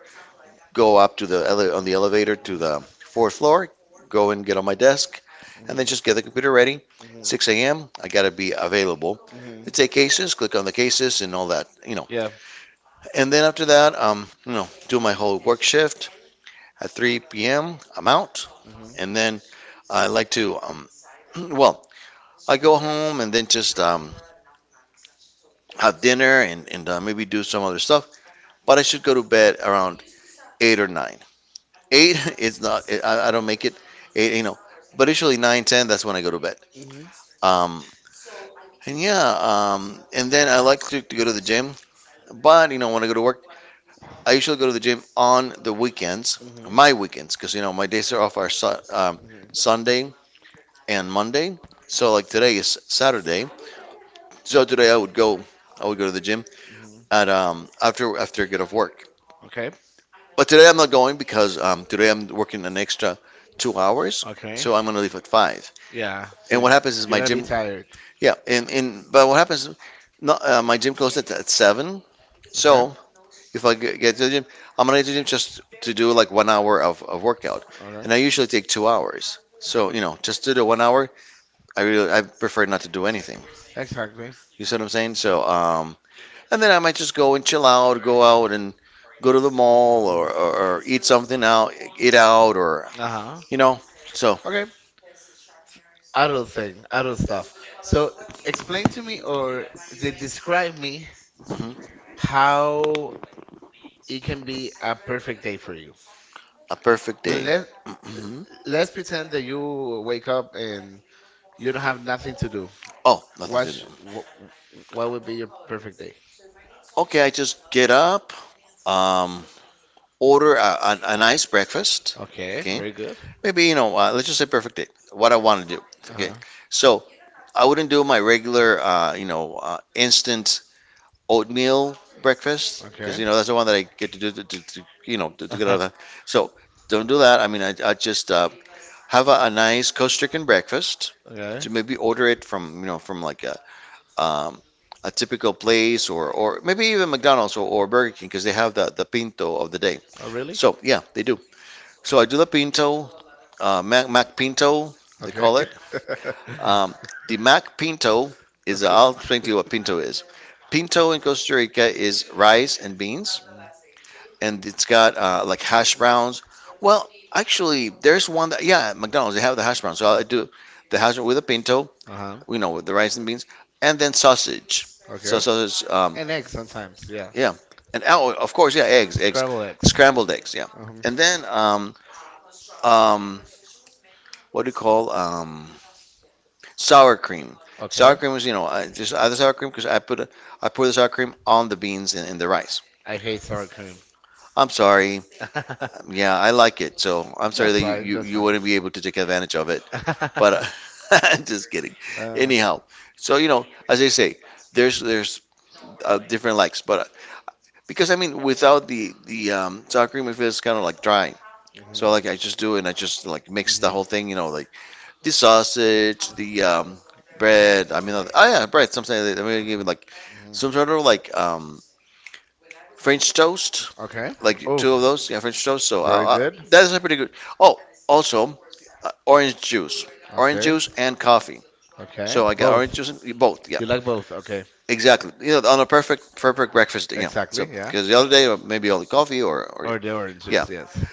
S2: go up to the on the elevator to the fourth floor, go and get on my desk, and then just get the computer ready.
S1: Mhm.
S2: 6 a.m. I gotta be available.
S1: Mhm.
S2: I
S1: Mhm.
S2: take cases, click on the cases, and all that.
S1: Yeah.
S2: And then after that, do my whole work shift. At 3 p.m., I'm out,
S1: Mhm.
S2: and then I like to, well, I go home and then just have dinner and maybe do some other stuff. But I should go to bed around 8 or 9. Eight is not, I don't make it eight, but usually 9, 10 That's when I go to bed.
S1: Mhm.
S2: um and yeah, and then I like to go to the gym, but you know when I go to work
S1: Mhm.
S2: I usually go to the gym on the weekends,
S1: Mhm.
S2: my weekends, because you know my days are off are Sunday and Monday. So like today is Saturday, so today I would go to the gym
S1: Mhm.
S2: at, after I get off work.
S1: Okay.
S2: But today I'm not going because today I'm working an extra 2 hours,
S1: Okay.
S2: so I'm gonna leave at 5.
S1: Yeah.
S2: And
S1: So
S2: what happens is
S1: you're
S2: my
S1: gonna be
S2: gym,
S1: tired.
S2: yeah, and but what happens, is not, my gym closed at 7. So
S1: Okay.
S2: if I get to the gym, I'm gonna get to the gym just to do like 1 hour of workout,
S1: Okay.
S2: and I usually take 2 hours. So you know, just to do 1 hour, I prefer not to do anything.
S1: Exactly.
S2: You see what I'm saying? And then I might just go and chill out, go out and go to the mall, or eat something out, eat out or
S1: Uh-huh.
S2: you know. So,
S1: Okay. Adult thing, adult stuff. So explain to me or they describe me
S2: mhm.
S1: how it can be a perfect day for you.
S2: A perfect day.
S1: Let
S2: Hmm.
S1: let's pretend that you wake up and you don't have nothing to do.
S2: Oh,
S1: What
S2: nothing to
S1: sh
S2: do.
S1: what would be your perfect day?
S2: Okay, I just get up, um, order a nice breakfast.
S1: Okay,
S2: Okay,
S1: very good.
S2: maybe you know, let's just say perfect day. What I want to do. Okay,
S1: Uh-huh.
S2: so I wouldn't do my regular, instant oatmeal breakfast because
S1: Okay.
S2: you know that's the one that I get to do to you know to get out
S1: Uh-huh.
S2: of that. So don't do that. I mean, I just have a nice coast stricken breakfast.
S1: Okay.
S2: To maybe order it from, you know, from like um, a typical place, or maybe even McDonald's, or Burger King, because they have the pinto of the day.
S1: Oh, really?
S2: So, yeah, they do. So I do the pinto, Mac Pinto, they
S1: Okay.
S2: call it. Um, the Mac Pinto is, I'll explain to you what pinto is. Pinto in Costa Rica is rice and beans, and it's got, like hash browns. Well, actually, there's one that, yeah, at McDonald's, they have the hash browns. So I do the hash brown with a pinto,
S1: Uh-huh.
S2: you know, with the rice and beans, and then sausage. So
S1: Okay.
S2: sausage,
S1: And eggs sometimes, yeah.
S2: yeah. And oh, of course, yeah,
S1: Scrambled eggs.
S2: scrambled eggs, yeah.
S1: Um,
S2: And then, um, what do you call, sour cream? Sour
S1: okay.
S2: cream was, you know, I just other sour cream because I pour the sour cream on the beans and the rice.
S1: I hate sour cream.
S2: I'm sorry. Yeah, I like it, so I'm sorry
S1: That's
S2: that you,
S1: fine.
S2: you,
S1: That's
S2: you
S1: fine.
S2: wouldn't be able to take advantage of it. But, just kidding.
S1: Uh,
S2: Anyhow, so you know, as I say, there's different likes, but, because I mean, without the sour cream, it feels kind of like dry. So
S1: mhm,
S2: like I just do it and I just like mix the
S1: mhm,
S2: whole thing, you know, like the sausage, the, bread. I mean, oh yeah, bread. Something like that. I mean, even like some sort
S1: mhm.
S2: of like, French toast,
S1: Okay.
S2: like
S1: Oof.
S2: two of those. Yeah, French toast.
S1: Very
S2: Uh,
S1: good.
S2: that is a pretty good. Oh, also, uh, orange juice, orange
S1: Okay.
S2: juice and coffee.
S1: Okay.
S2: So I got orange
S1: Both.
S2: juice and both. Yeah,
S1: You like both. Okay.
S2: exactly. You know, on a perfect breakfast. Yeah.
S1: Exactly.
S2: So,
S1: Yeah.
S2: because the other day, maybe only coffee or
S1: Or the orange
S2: yeah,
S1: juice. Yes.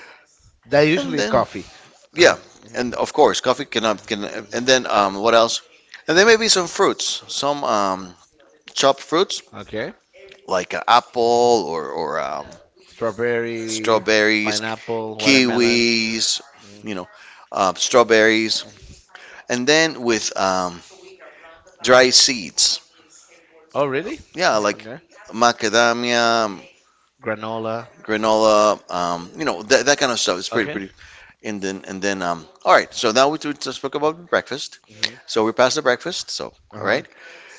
S1: That
S2: and
S1: usually is
S2: then
S1: coffee. Uh
S2: yeah,
S1: huh. Hmm.
S2: and of course, coffee cannot can. And
S1: Mhm.
S2: then, what else? And then maybe some fruits, some, chopped fruits
S1: Okay.
S2: like, apple or
S1: Strawberry,
S2: strawberries,
S1: pineapple, watermelon.
S2: kiwis,
S1: Mhm.
S2: you know, strawberries, and then with, dry seeds.
S1: Oh, really?
S2: Yeah, like
S1: Okay.
S2: macadamia,
S1: Granola.
S2: granola, you know, that kind of stuff. It's pretty,
S1: Okay.
S2: pretty. And then, all right. So now we just spoke about breakfast.
S1: Hmm.
S2: So we passed the breakfast. So,
S1: Uh
S2: all
S1: huh.
S2: right.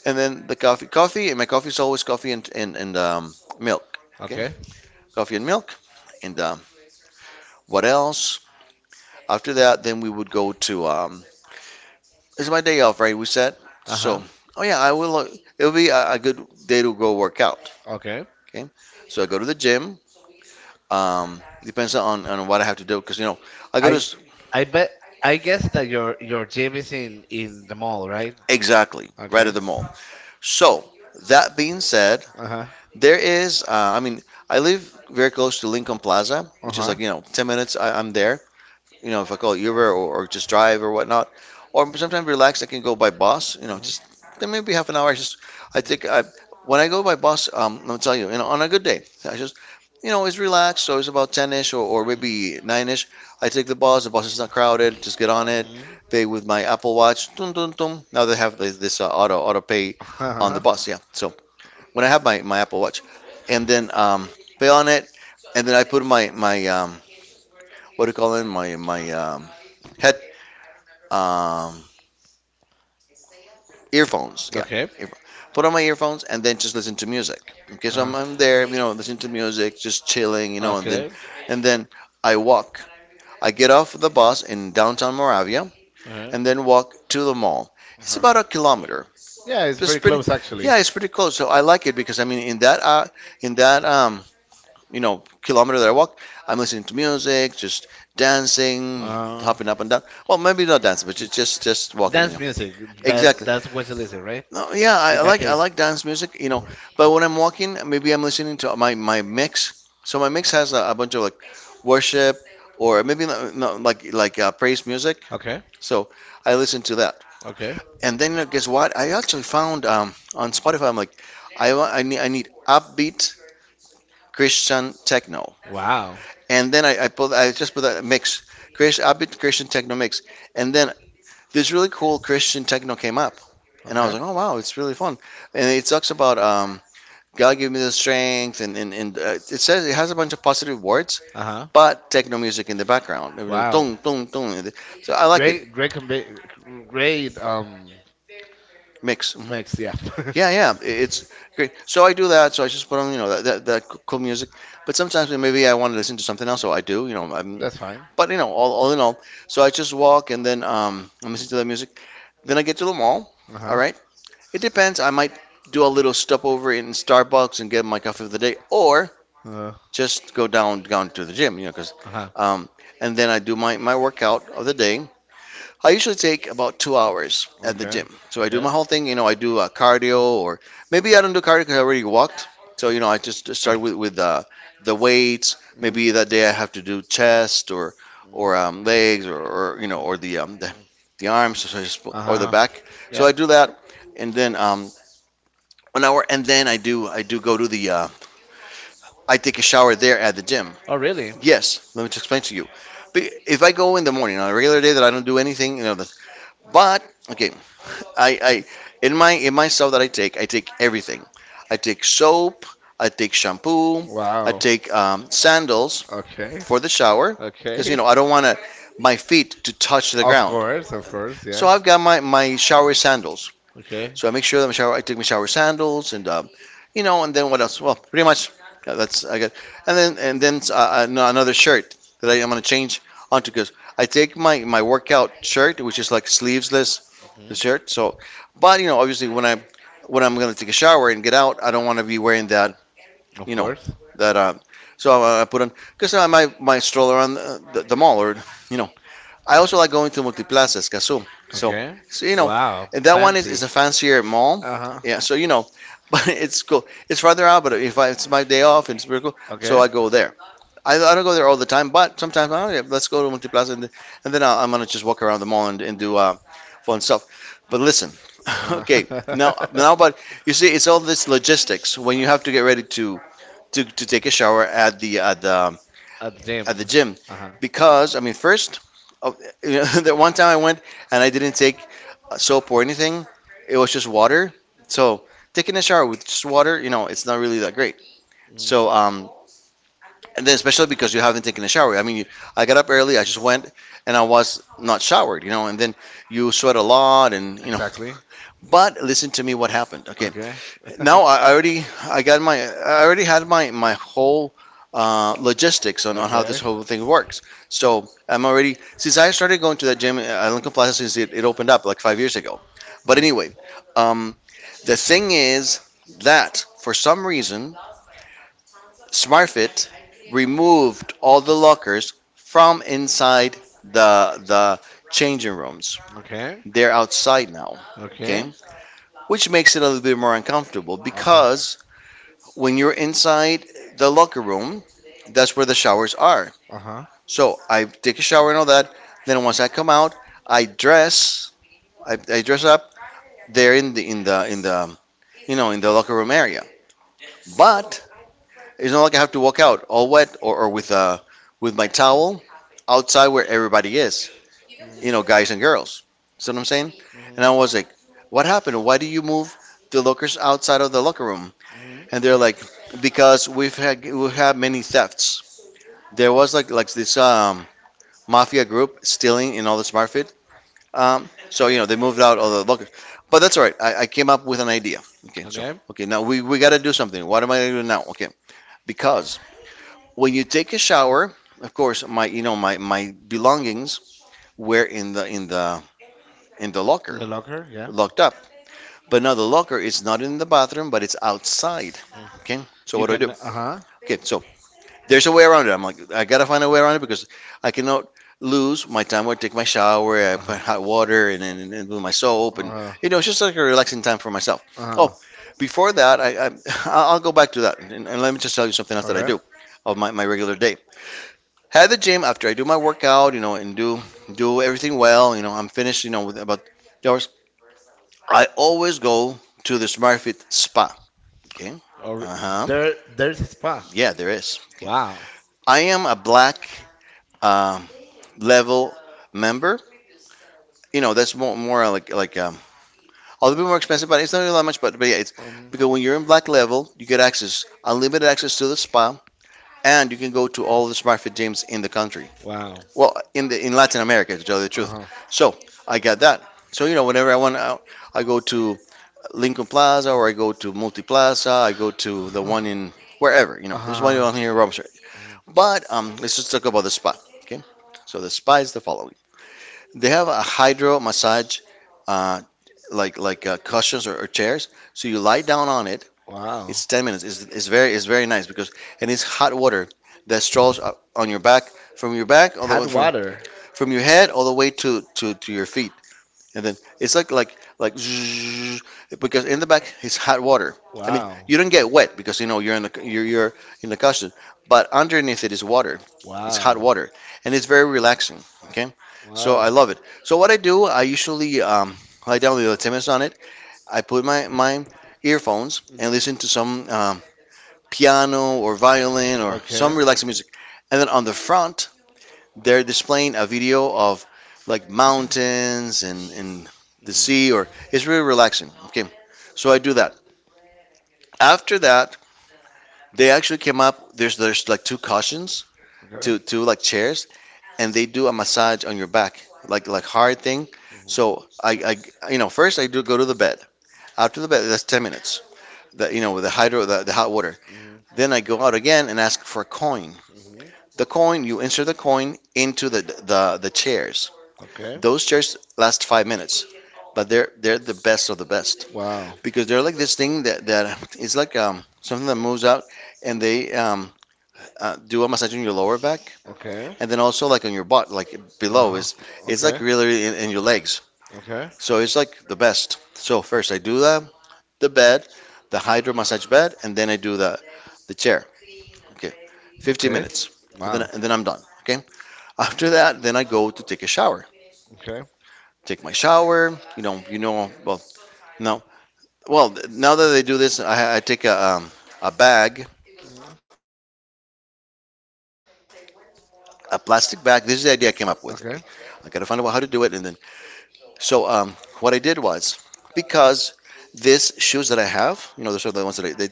S2: And then the coffee, and my coffee is always coffee and milk. Okay,
S1: Okay.
S2: coffee and milk. And, what else? After that, then we would go to. It's my day off, right? We said.
S1: Uh huh.
S2: So, oh yeah, I will. It'll be a good day to go work out.
S1: Okay.
S2: Okay, so I go to the gym. Depends on what I have to do because you know I go to.
S1: I I bet I guess that your gym is in the mall, right?
S2: Exactly, right at
S1: Okay.
S2: the mall. So, that being said,
S1: Uh huh.
S2: there is. I mean, I live very close to Lincoln Plaza,
S1: Uh
S2: which is
S1: huh.
S2: like you know 10 minutes. I'm there. You know, if I call Uber, or just drive or whatnot, or sometimes relax, I can go by bus, you know,
S1: Mm-hmm.
S2: just then maybe half an hour. I just, I think I, when I go by bus, I'll tell you, you know, on a good day, you know, it's relaxed. So it's about 10-ish, or maybe 9-ish. I take the bus. The bus is not crowded. Just get on it.
S1: Mm-hmm.
S2: Pay with my Apple Watch. Dun, dun, dun. Now they have this auto pay on the
S1: Uh-huh.
S2: bus. Yeah. So when I have my Apple Watch, and then, pay on it, and then I put my what do you call it? My head um, earphones. Yeah,
S1: Okay.
S2: earphones. Put on my earphones and then just listen to music. Okay, so I'm,
S1: Uh-huh.
S2: I'm there, you know, listening to music, just chilling, you know, and then
S1: Okay.
S2: and then I walk. I get off the bus in downtown Moravia
S1: Uh-huh.
S2: and then walk to the mall. It's
S1: Uh-huh.
S2: about a kilometer.
S1: Yeah, it's
S2: It's
S1: very
S2: pretty,
S1: close actually.
S2: yeah, it's pretty close. So I like it because I mean, in that, you know, kilometer that I walk, I'm listening to music, just dancing,
S1: Uh,
S2: hopping up and down. Well, maybe not dancing, but just walking. You
S1: dance
S2: know.
S1: music. That
S2: Exactly.
S1: that's what you listen, right?
S2: No, yeah,
S1: In that
S2: I
S1: case.
S2: like dance music, you know.
S1: Uh-huh.
S2: But when I'm walking, maybe I'm listening to my mix. So my mix has a
S1: Uh,
S2: bunch of like worship, or maybe not, like praise music.
S1: okay.
S2: So I listen to that.
S1: Okay.
S2: And then you know, guess what? I actually found, on Spotify. I'm like, I need upbeat Christian techno.
S1: Wow.
S2: And then I just put a mix, Christian, upbeat Christian techno mix. And then this really cool Christian techno came up, and I was
S1: Okay.
S2: like, oh wow, it's really fun. And it talks about, God give me the strength, and it says it has a bunch of positive words,
S1: Uh huh.
S2: but techno music in the background. It was
S1: Wow.
S2: dun, dun, dun. So I like it.
S1: Great, great, great
S2: Mix. Mhm.
S1: mix. Yeah.
S2: Yeah, yeah, it's great. So I do that. So I just put on, you know, that cool music. But sometimes maybe I want to listen to something else, so I do.
S1: That's fine.
S2: But you know, all in all, so I just walk and then, I listen to that music. Then I get to the mall.
S1: Uh
S2: All
S1: huh.
S2: right, it depends. I might do a little stop over in Starbucks and get my coffee of the day, or
S1: Uh
S2: just go down to the gym. You know, because
S1: huh.
S2: um, and then I do my workout of the day. I usually take about 2 hours at the
S1: Okay.
S2: gym. So I do my
S1: Okay. Oh.
S2: whole thing. You know, I do cardio, or maybe I don't do cardio because I already walked. So you know, I just start with the weights.
S1: Mhm. Mm.
S2: Maybe that day I have to do chest or legs, or you know or the arms so
S1: Uh
S2: or the
S1: huh.
S2: back. So
S1: Yeah.
S2: I do that, and then an hour, and then I do go to the I take a shower there at the gym.
S1: Oh really?
S2: Yes, let me just explain to you. If I go in the morning on a regular day that I don't do anything, you know, but okay, I in my stuff that I take everything. I take soap, I take shampoo, I
S1: Wow.
S2: take sandals
S1: Okay.
S2: for the shower because you
S1: Okay.
S2: know I don't want to my feet to touch the
S1: Of
S2: ground.
S1: course. Of course.
S2: So
S1: Yeah.
S2: I've got my shower sandals.
S1: Okay.
S2: So I make sure that my shower, I take my shower sandals and, you know, and then what else? Well, pretty much yeah, that's I got. And then no, another shirt that I'm gonna change onto because I take my workout shirt, which is like sleeveless
S1: Hmm.
S2: shirt. So, but you know, obviously when I'm gonna take a shower and get out, I don't want to be wearing that,
S1: Of
S2: you know,
S1: course.
S2: that. So I put on because I my stroller on the mall or you know I also like going to Multiplaza Escazú. So,
S1: Okay.
S2: so you know,
S1: Wow.
S2: and that one is a fancier mall.
S1: Uh huh.
S2: Yeah, so you know, but it's cool. It's farther out, but if I, it's my day off, it's pretty cool. So I go there. I don't go there all the time, but sometimes oh yeah, let's go to Multiplaza, and and then I'm gonna just walk around the mall and do fun stuff. But listen,
S1: Uh
S2: okay, now, but you see, it's all this logistics when you have to get ready to take a shower at the at the
S1: a gym.
S2: at the gym because I mean, first, uh, you know, that one time I went and I didn't take soap or anything. It was just water. So taking a shower with just water, you know, it's not really that great. So and then especially because you haven't taken a shower. I mean, I got up early. I just went and I was not showered, you know. And then you sweat a lot, and you know.
S1: Exactly.
S2: But listen to me, what happened? Okay,
S1: Okay. now.
S2: no, I already I already had my whole logistics on how this whole thing works. So I'm already since I started going to that gym at Lincoln Plaza since it opened up like 5 years ago. But
S1: Mm.
S2: anyway, um, the thing is that for some reason SmartFit removed all the lockers from inside the changing rooms.
S1: Okay.
S2: They're outside now,
S1: Okay.
S2: okay? Which makes it a little bit more uncomfortable
S1: Uh-huh.
S2: because when you're inside the locker room, that's where the showers are.
S1: Uh-huh.
S2: So I take a shower and all that. Then once I come out, I dress. I dress up there in the you know in the locker room area. But it's not like I have to walk out all wet, or
S1: Mhm.
S2: with my towel outside where everybody is. You
S1: Mm.
S2: know, guys and girls. See what I'm saying?
S1: Mm-hmm.
S2: And I was like, "What happened? Why do you move the lockers outside of the locker room?" And
S1: Mm-hmm.
S2: they're like, "Because we've had many thefts." There was like this mafia group stealing in all the smart fit. So you know they moved out all the lockers, but that's all right. I came up with an idea. Okay, so
S1: Okay.
S2: okay now we got to do something. What am I gonna do now? Okay, because when you take a shower, of course my you know my belongings were in the
S1: In
S2: locker
S1: the locker, yeah.
S2: locked up, but now the locker is not in the bathroom, but it's outside.
S1: Mm.
S2: Okay, so
S1: You
S2: what do I
S1: can,
S2: do?
S1: uh-huh.
S2: Okay, so there's a way around it. I'm like, I gotta find a way around it because I cannot lose my time. I take my shower, I
S1: Uh-huh.
S2: put hot water, and then do my soap, and
S1: Uh-huh.
S2: you know, it's just like a relaxing time for myself. Oh,
S1: Uh-huh.
S2: before that, I I'll go back to that, and let me just tell you something else that I
S1: Okay.
S2: do of my regular day. At the gym, after I do my workout, you know, and do do everything well, you know, I'm finished, you know, with about 2 hours. I always go to the SmartFit Spa. Okay.
S1: Or
S2: Uh huh.
S1: there, there's a spa.
S2: Yeah, there is. Okay.
S1: Wow.
S2: I am a black um, level member, you know, that's more like a little bit more expensive, but it's not really that much. But yeah, it's
S1: Um.
S2: because when you're in black level, you get access, unlimited access to the spa, and you can go to all the smart fit gyms in the country.
S1: Wow.
S2: Well, in the in Latin America, to tell you the truth.
S1: Uh-huh.
S2: So I got that. So you know, whenever I want, I go to Lincoln Plaza or I go to Multiplaza. I go to the one in wherever. You know, there's one
S1: Uh-huh.
S2: on here in Rome Street. But let's just talk about the spa. Okay. So the spa is the following. They have a hydro massage, uh, like cushions or chairs. So you lie down on it.
S1: Wow.
S2: It's 10 minutes. It's very nice because and it's hot water that strolls up on your back from your back all the way
S1: Water.
S2: from your head all the way to to your feet and then it's like like zzzz, because in the back it's hot water. I mean,
S1: Wow.
S2: you don't get wet because you know you're in the cushion, but underneath it is water. It's hot
S1: Wow.
S2: water, and it's very relaxing. Okay, so
S1: Wow.
S2: I love it. So what I do, I usually lie down with the tennis on it. I put my earphones
S1: Mhm.
S2: and listen to some piano or violin or
S1: Okay.
S2: some relaxing music, and then on the front they're displaying a video of like mountains and the sea or it's really relaxing. Okay, so I do that. After that, they actually came up, there's like two cushions, two like chairs, and they do a massage on your back like hard thing.
S1: Mhm. Okay.
S2: So i
S1: Mhm.
S2: i you know first I do go to the bed. After the bed, that's 10 minutes, that you know with the hydro the hot water.
S1: Mhm.
S2: Then I go out again and ask for a coin.
S1: Mhm.
S2: The coin, you insert the coin into the chairs.
S1: Okay.
S2: Those chairs last 5 minutes, but they're the best of the best
S1: Wow.
S2: because they're like this thing that that is like something that moves out, and they do a massage on your lower back
S1: Okay.
S2: and then also like on your butt like below
S1: Uh
S2: is
S1: huh.
S2: it's like
S1: Okay.
S2: really, really in your legs
S1: Okay.
S2: so it's like the best. So first I do the bed, the hydro massage bed, and then I do the chair. Okay, 15
S1: Okay.
S2: minutes,
S1: Wow.
S2: and then I'm done. Okay. After that, then I go to take a shower.
S1: Okay.
S2: Take my shower. You know, you know. Well, no, well, now that I do this, I take a bag,
S1: Hmm.
S2: a plastic bag. This is the idea I came up with. Okay,
S1: Okay.
S2: I gotta find out how to do it, and then so what I did was because these shoes that I have, you know, those are the ones that they take to the gym. So,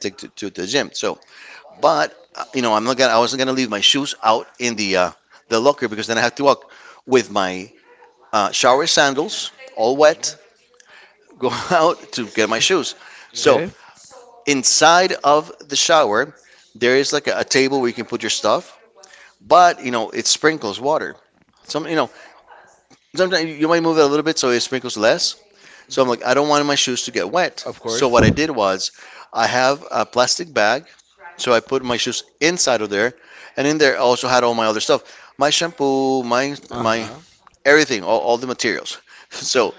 S2: but you know, I wasn't gonna leave my shoes out in the locker because then I have to walk with my shower sandals all
S1: Mhm.
S2: wet, go out to get my shoes.
S1: Okay.
S2: So inside of the shower, there is like a table where you can put your stuff, but you know it sprinkles water. Some you know sometimes you might move it a little bit so it sprinkles less. So I'm like I don't want
S1: Hmm.
S2: my shoes to get wet.
S1: Of
S2: So
S1: course.
S2: what I did was I have a plastic bag, so I put my shoes inside of there, and in there I also had all my other stuff, my shampoo, my
S1: Uh
S2: my
S1: huh.
S2: everything, all the materials. So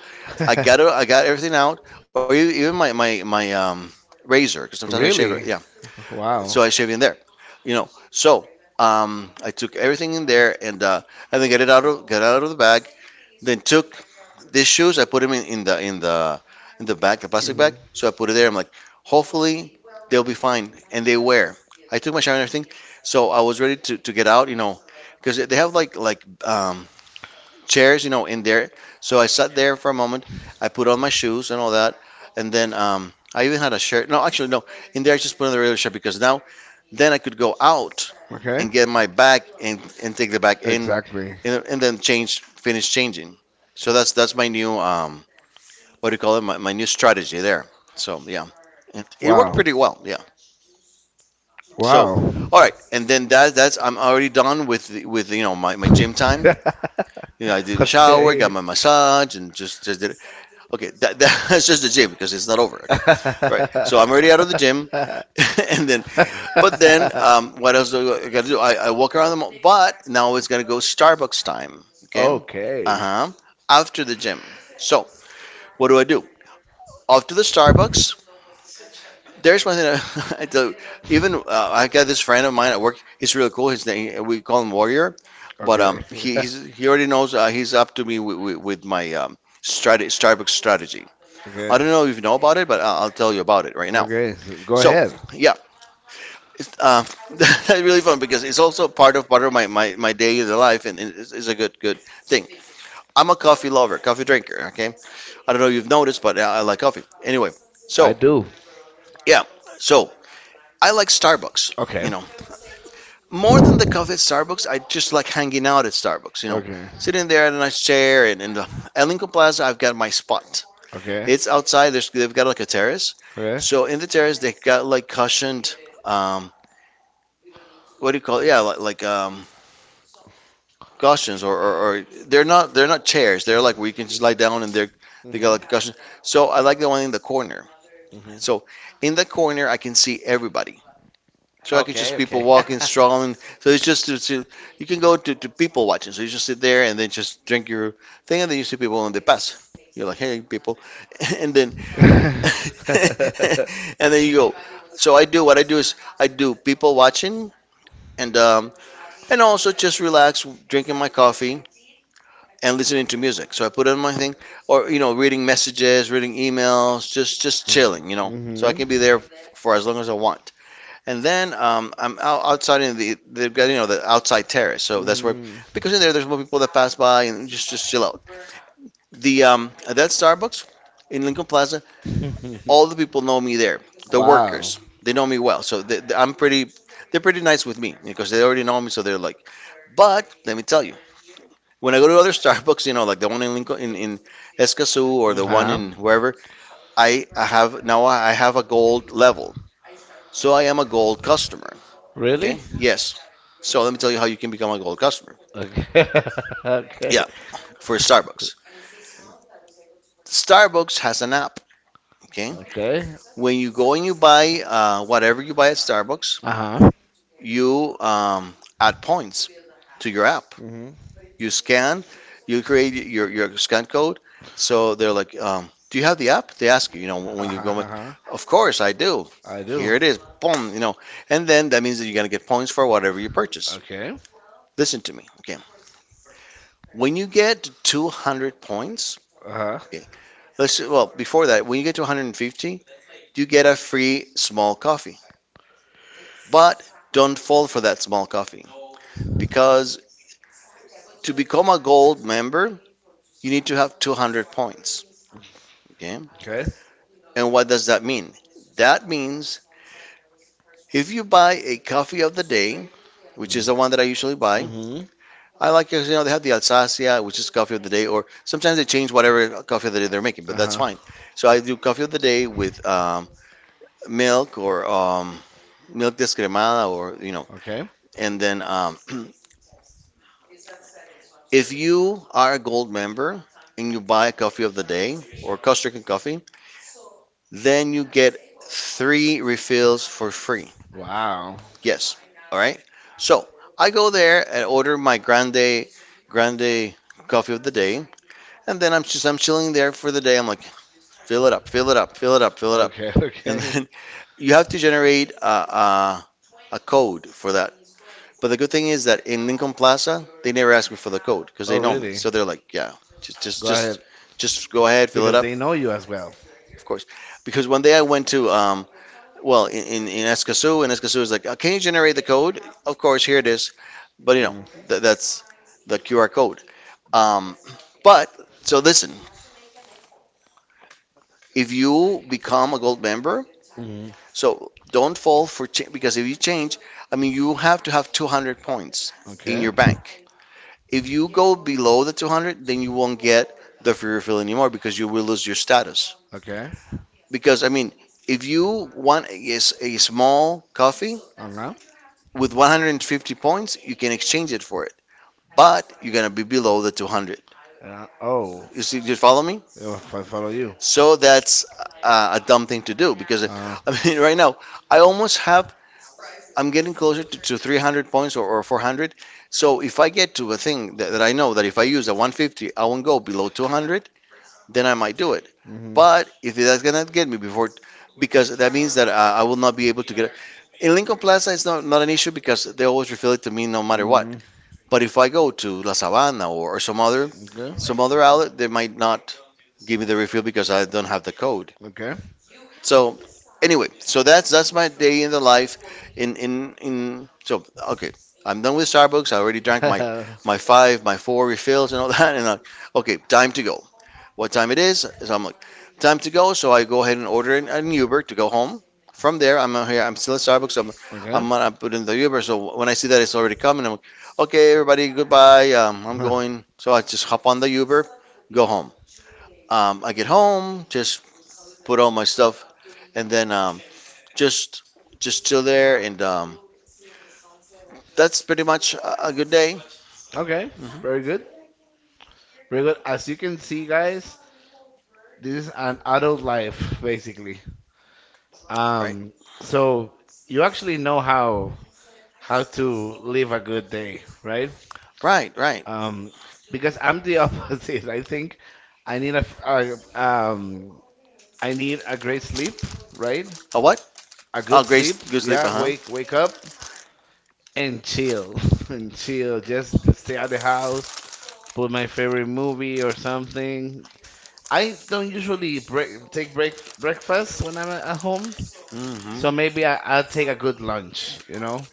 S2: I got everything out, or even my razor because sometimes I shave.
S1: really?
S2: It. Yeah,
S1: Wow.
S2: so I shaved in there, you know. So I took everything in there and and then get out of the bag. Then took these shoes. I put them in the in the in the bag, the plastic
S1: Hmm.
S2: bag. So I put it there. I'm like, hopefully they'll be fine, and they were. I took my shower and everything, so I was ready to get out, you know, because they have like chairs, you know, in there. So I sat there for a moment. I put on my shoes and all that, and then I even had a shirt. No, actually, no. In there, I just put on the regular shirt because now then I could go out
S1: Okay.
S2: and get my bag and take the bag in
S1: Exactly.
S2: and then change, finish changing. So that's my new what do you call it? My new strategy there. So yeah, it worked
S1: Wow.
S2: pretty well. Yeah. So
S1: Wow.
S2: all right, and then that's I'm already done with my, my gym time. You know I did a shower, got
S1: okay.
S2: my massage, and just did it. Okay, that, that's just the gym because it's not over. Okay, right. So I'm already out of the gym, and then but then, what else do I gotta do? I walk around the mall, but now it's gonna go Starbucks time. Okay. Uh
S1: okay.
S2: huh. After the gym. So what do I do? Off to the Starbucks. There's one thing I do. Even I got this friend of mine at work. He's really cool. His name we call him Warrior, but
S1: Okay.
S2: he already knows. He's up to me with my Starbucks strategy. I
S1: okay.
S2: don't know if you know about it, but I'll tell you about it right now.
S1: Okay. So go
S2: So
S1: ahead.
S2: yeah, Uh, that's really fun because it's also part of my day, in the life and it's a good thing. I'm a coffee lover, coffee drinker. Okay, I don't know if you've noticed, but I like coffee. Anyway,
S1: I
S2: so
S1: do.
S2: yeah, so I like Starbucks.
S1: Okay.
S2: You know, more than the coffee at Starbucks, I just like hanging out at Starbucks. You know,
S1: Okay.
S2: sitting there in a nice chair and in the at Lincoln Plaza, I've got my spot.
S1: Okay.
S2: It's outside. They've got like a terrace.
S1: Okay.
S2: So in the terrace, they've got like cushioned, um, what do you call it? Yeah, like cushions or they're not chairs. They're like where you can just lie down and they got
S1: Mhm.
S2: like a cushion. So I like the one in the corner.
S1: Mhm.
S2: So in the corner I can see everybody. So I can
S1: Okay.
S2: just people
S1: Okay.
S2: walking, strolling. So it's just to you can go to people watching. So you just sit there and then just drink your thing and then you see people and they pass. You're like, hey people, and then and then you go. So I do what I do is I do people watching and um and also just relax, drinking my coffee and listening to music. So I put on my thing, or you know, reading messages, reading emails, just chilling, you know. So I
S1: mhm.
S2: can be there for as long as I want. And then I'm out, outside in the they've got you know the outside terrace, so that's where
S1: Mhm.
S2: because in there there's more people that pass by and just chill out. The at that Starbucks in Lincoln Plaza, all the people know me there. The
S1: wow.
S2: workers they know me well, so they- I'm pretty. They're pretty nice with me because they already know me, so they're like. But let me tell you, when I go to other Starbucks, you know, like the one in Lincoln, in Escazú or the one
S1: Uh-huh.
S2: in wherever, I have a gold level. So I am a gold customer. Okay?
S1: Really?
S2: Yes. So let me tell you how you can become a gold customer.
S1: Okay. Okay.
S2: Yeah, for Starbucks. Starbucks has an app. Okay?
S1: Okay.
S2: When you go and you buy whatever you buy at Starbucks,
S1: Uh-huh.
S2: you add points to your app.
S1: Mm-hmm.
S2: You scan, you create your scan code. So they're like, do you have the app? They ask you, you know, when you
S1: Uh-huh.
S2: go,
S1: Uh-huh.
S2: of course I do.
S1: I do.
S2: Here it is, boom, you know. And then that means that you're going to get points for whatever you purchase.
S1: Okay.
S2: Listen to me, okay? When you get to 200 points,
S1: Uh-huh.
S2: okay, before that, when you get to 150, you get a free small coffee. But don't fall for that small coffee because to become a gold member, you need to have 200 points, okay?
S1: Okay.
S2: And what does that mean? That means if you buy a coffee of the day, which is the one that I usually buy, I like, you know, they have the Alsacia, which is coffee of the day, or sometimes they change whatever coffee of the day they're making,
S1: Mm-hmm.
S2: but that's fine.
S1: Uh-huh.
S2: So I do coffee of the day with milk or milk descremada, or, you know,
S1: Okay.
S2: and then if you are a gold member and you buy a coffee of the day or Costa Rican coffee, then you get three refills for free.
S1: Wow.
S2: Yes. All right. So I go there and order my grande coffee of the day, and then I'm chilling there for the day. I'm like, fill it up, fill it up, fill it up, fill it up,
S1: Okay.
S2: and
S1: Okay.
S2: then you have to generate a, a code for that. But the good thing is that in Lincoln Plaza, they never ask me for the code because
S1: Oh,
S2: they know me.
S1: really? Yeah.
S2: So they're like, yeah, just just
S1: Go ahead.
S2: just just go ahead, fill it
S1: Because
S2: up.
S1: they know you as well.
S2: Of course, because one day I went to in Escazú, and Escazú is like, can you generate the code? Of course, here it is. But you know,
S1: Mm.
S2: th that's the QR code. Um, but so listen, if you become a gold member,
S1: Hmm.
S2: so don't fall for change because if you change, I mean, you have to have 200 points in
S1: Okay.
S2: your bank. If you go below the 200, then you won't get the free refill anymore because you will lose your status.
S1: Okay.
S2: Because I mean, if you want a small coffee,
S1: Uh huh.
S2: with 150 points, you can exchange it for it, but you're gonna be below the 200.
S1: Uh, oh,
S2: You see, you follow me?
S1: yeah, if I follow you.
S2: So that's a dumb thing to do because
S1: Uh.
S2: I mean, right now I almost have. I'm getting closer to 300 points or 400. So if I get to a thing that I know that if I use a 150, I won't go below 200, then I might do it.
S1: Mhm.
S2: But if that's gonna get me before, because that means that I will not be able to get it. In Lincoln Plaza, it's not an issue because they always refill it to me no matter what.
S1: Mhm.
S2: But if I go to La Sabana or some other outlet, they might not give me the refill because I don't have the code.
S1: Okay. Okay.
S2: So anyway, so that's my day in the life. In so okay, I'm done with Starbucks. I already drank my four refills and all that, and okay, time to go what time it is. So I'm like, time to go. So I go ahead and order an Uber to go home. From there, I'm out here. I'm still at Starbucks. So
S1: okay.
S2: I'm gonna put in the Uber. So when I see that it's already coming, I'm like, okay, everybody, goodbye. I'm
S1: Huh.
S2: going. So I just hop on the Uber, go home. I get home, just put all my stuff, and then just just chill there. And that's pretty much a good day.
S1: Okay,
S2: hmm
S1: very good. Very good. As you can see, guys, this is an adult life, basically.
S2: Right,
S1: Um, so you actually know how to live a good day, right?
S2: right.
S1: Um, because I'm the opposite. I think I need a, I need a great sleep, right?
S2: A what?
S1: A good
S2: A great
S1: sleep.
S2: good sleep.
S1: Yeah,
S2: Uh huh.
S1: wake wake up and chill and chill. Just stay out of the house. Put my favorite movie or something. I don't usually take breakfast when I'm at home,
S2: hmm
S1: so maybe I'll take a good lunch. You know,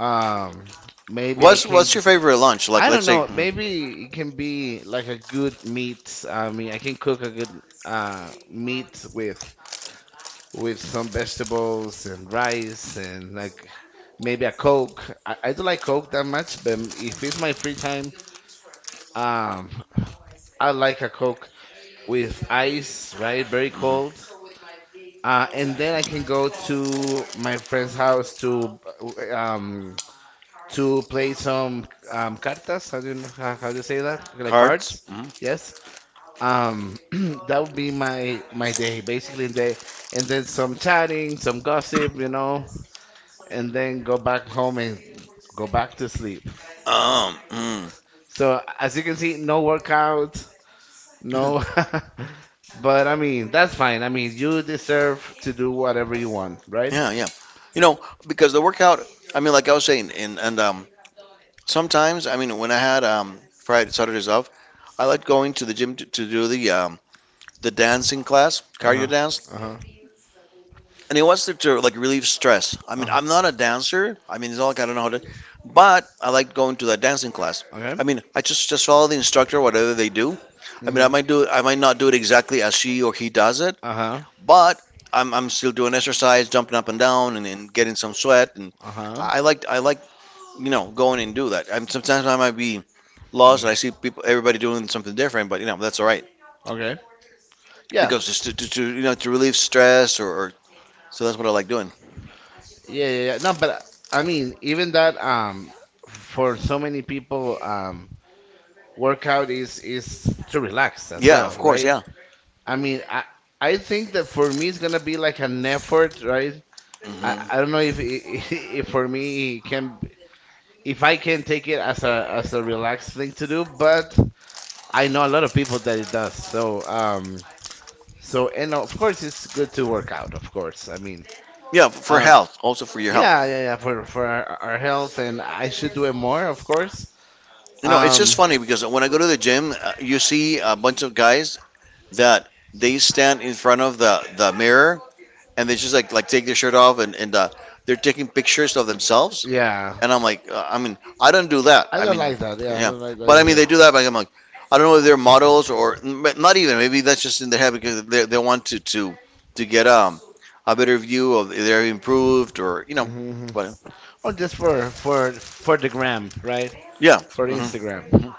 S1: um, maybe I can.
S2: What's your favorite lunch? Like,
S1: I don't
S2: let's say
S1: know.
S2: mhm.
S1: Maybe it can be like a good meat. I mean, I can cook a good meat with some vegetables and rice, and like maybe a Coke. I don't like Coke that much, but if it's my free time, um, I like a Coke with ice, right? Very cold. And then I can go to my friend's house um, to play some cartas. How do you know, how do you say that? Like cards.
S2: Cards. Mhm.
S1: Yes. Um, that would be my my day basically, and then some chatting, some gossip, you know, and then go back home and go back to sleep.
S2: Um, mm,
S1: So as you can see, no workout, no, but I mean that's fine. I mean you deserve to do whatever you want, right?
S2: yeah, yeah. You know, because the workout, I mean, like I was saying, and sometimes, I mean, when I had Friday Saturdays off, I liked going to the gym to do the dancing class, cardio
S1: Uh-huh.
S2: dance
S1: Uh-huh.
S2: and it was to like relieve stress. I mean,
S1: Uh-huh.
S2: I'm not a dancer. I mean, it's not like I don't know how to, but I like going to that dancing class.
S1: Okay.
S2: I mean, I just follow the instructor, whatever they do. I mean, I
S1: Mm-hmm.
S2: might do it, I might not do it exactly as she or he does it,
S1: Uh-huh.
S2: but I'm still doing exercise, jumping up and down, and getting some sweat. And
S1: Uh-huh.
S2: I like you know going and do that. I'm sometimes I might be lost and I see people everybody doing something different, but you know that's all right
S1: Okay. Yeah.
S2: because it's to you know to relieve stress or so that's what I like doing.
S1: Yeah, yeah, yeah. No, but I mean, even that for so many people workout is to relax as
S2: Yeah, of
S1: well,
S2: course,
S1: right?
S2: yeah.
S1: I mean, I think that for me it's gonna be like an effort, right? I
S2: hmm
S1: don't know if if for me it can if I can take it as a relaxed thing to do, but I know a lot of people that it does. So, so, and of course, it's good to work out, of course. I mean,
S2: Yeah, for
S1: um,
S2: health, also for your health.
S1: yeah, yeah, yeah, for our health, and I should do it more, of course.
S2: You know, it's
S1: Um,
S2: just funny because when I go to the gym, you see a bunch of guys that they stand in front of the mirror and they just take their shirt off and and they're taking pictures of themselves.
S1: yeah.
S2: And I'm like, I mean, I don't do that.
S1: I
S2: I
S1: don't
S2: mean,
S1: like that. Yeah, I
S2: yeah,
S1: don't like that
S2: but I mean
S1: either.
S2: they do that. But I'm like, I don't know if they're models or but not even. Maybe that's just in their head because they want to get a better view of if they're improved or you know,
S1: Hmm.
S2: but
S1: Or just for for the gram, right?
S2: yeah.
S1: For the Instagram.
S2: hmm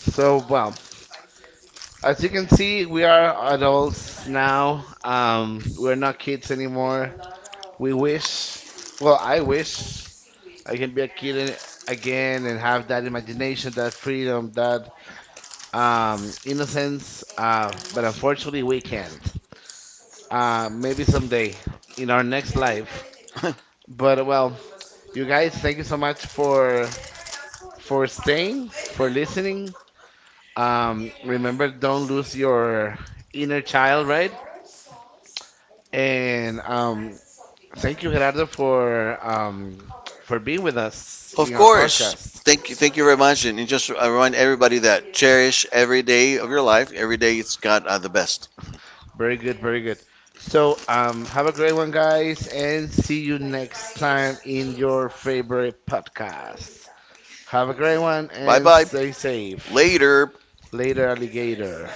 S1: So well, as you can see, we are adults now. We're not kids anymore. We wish. Well, I wish I can be a kid again and have that imagination, that freedom, that innocence. But unfortunately, we can't. Maybe someday in our next life.
S2: hmm
S1: But well, you guys, thank you so much for staying, for listening. Remember, don't lose your inner child, right? And thank you, Gerardo, for being with us
S2: Of
S1: in our
S2: course.
S1: podcast.
S2: Thank you. Thank you very much. And you just I remind everybody that cherish every day of your life. Every day it's got the best.
S1: Very good, very good. So, have a great one, guys, and see you next time in your favorite podcast. Have a great one
S2: Bye
S1: and
S2: bye.
S1: stay safe.
S2: Later.
S1: Later. Later, alligator.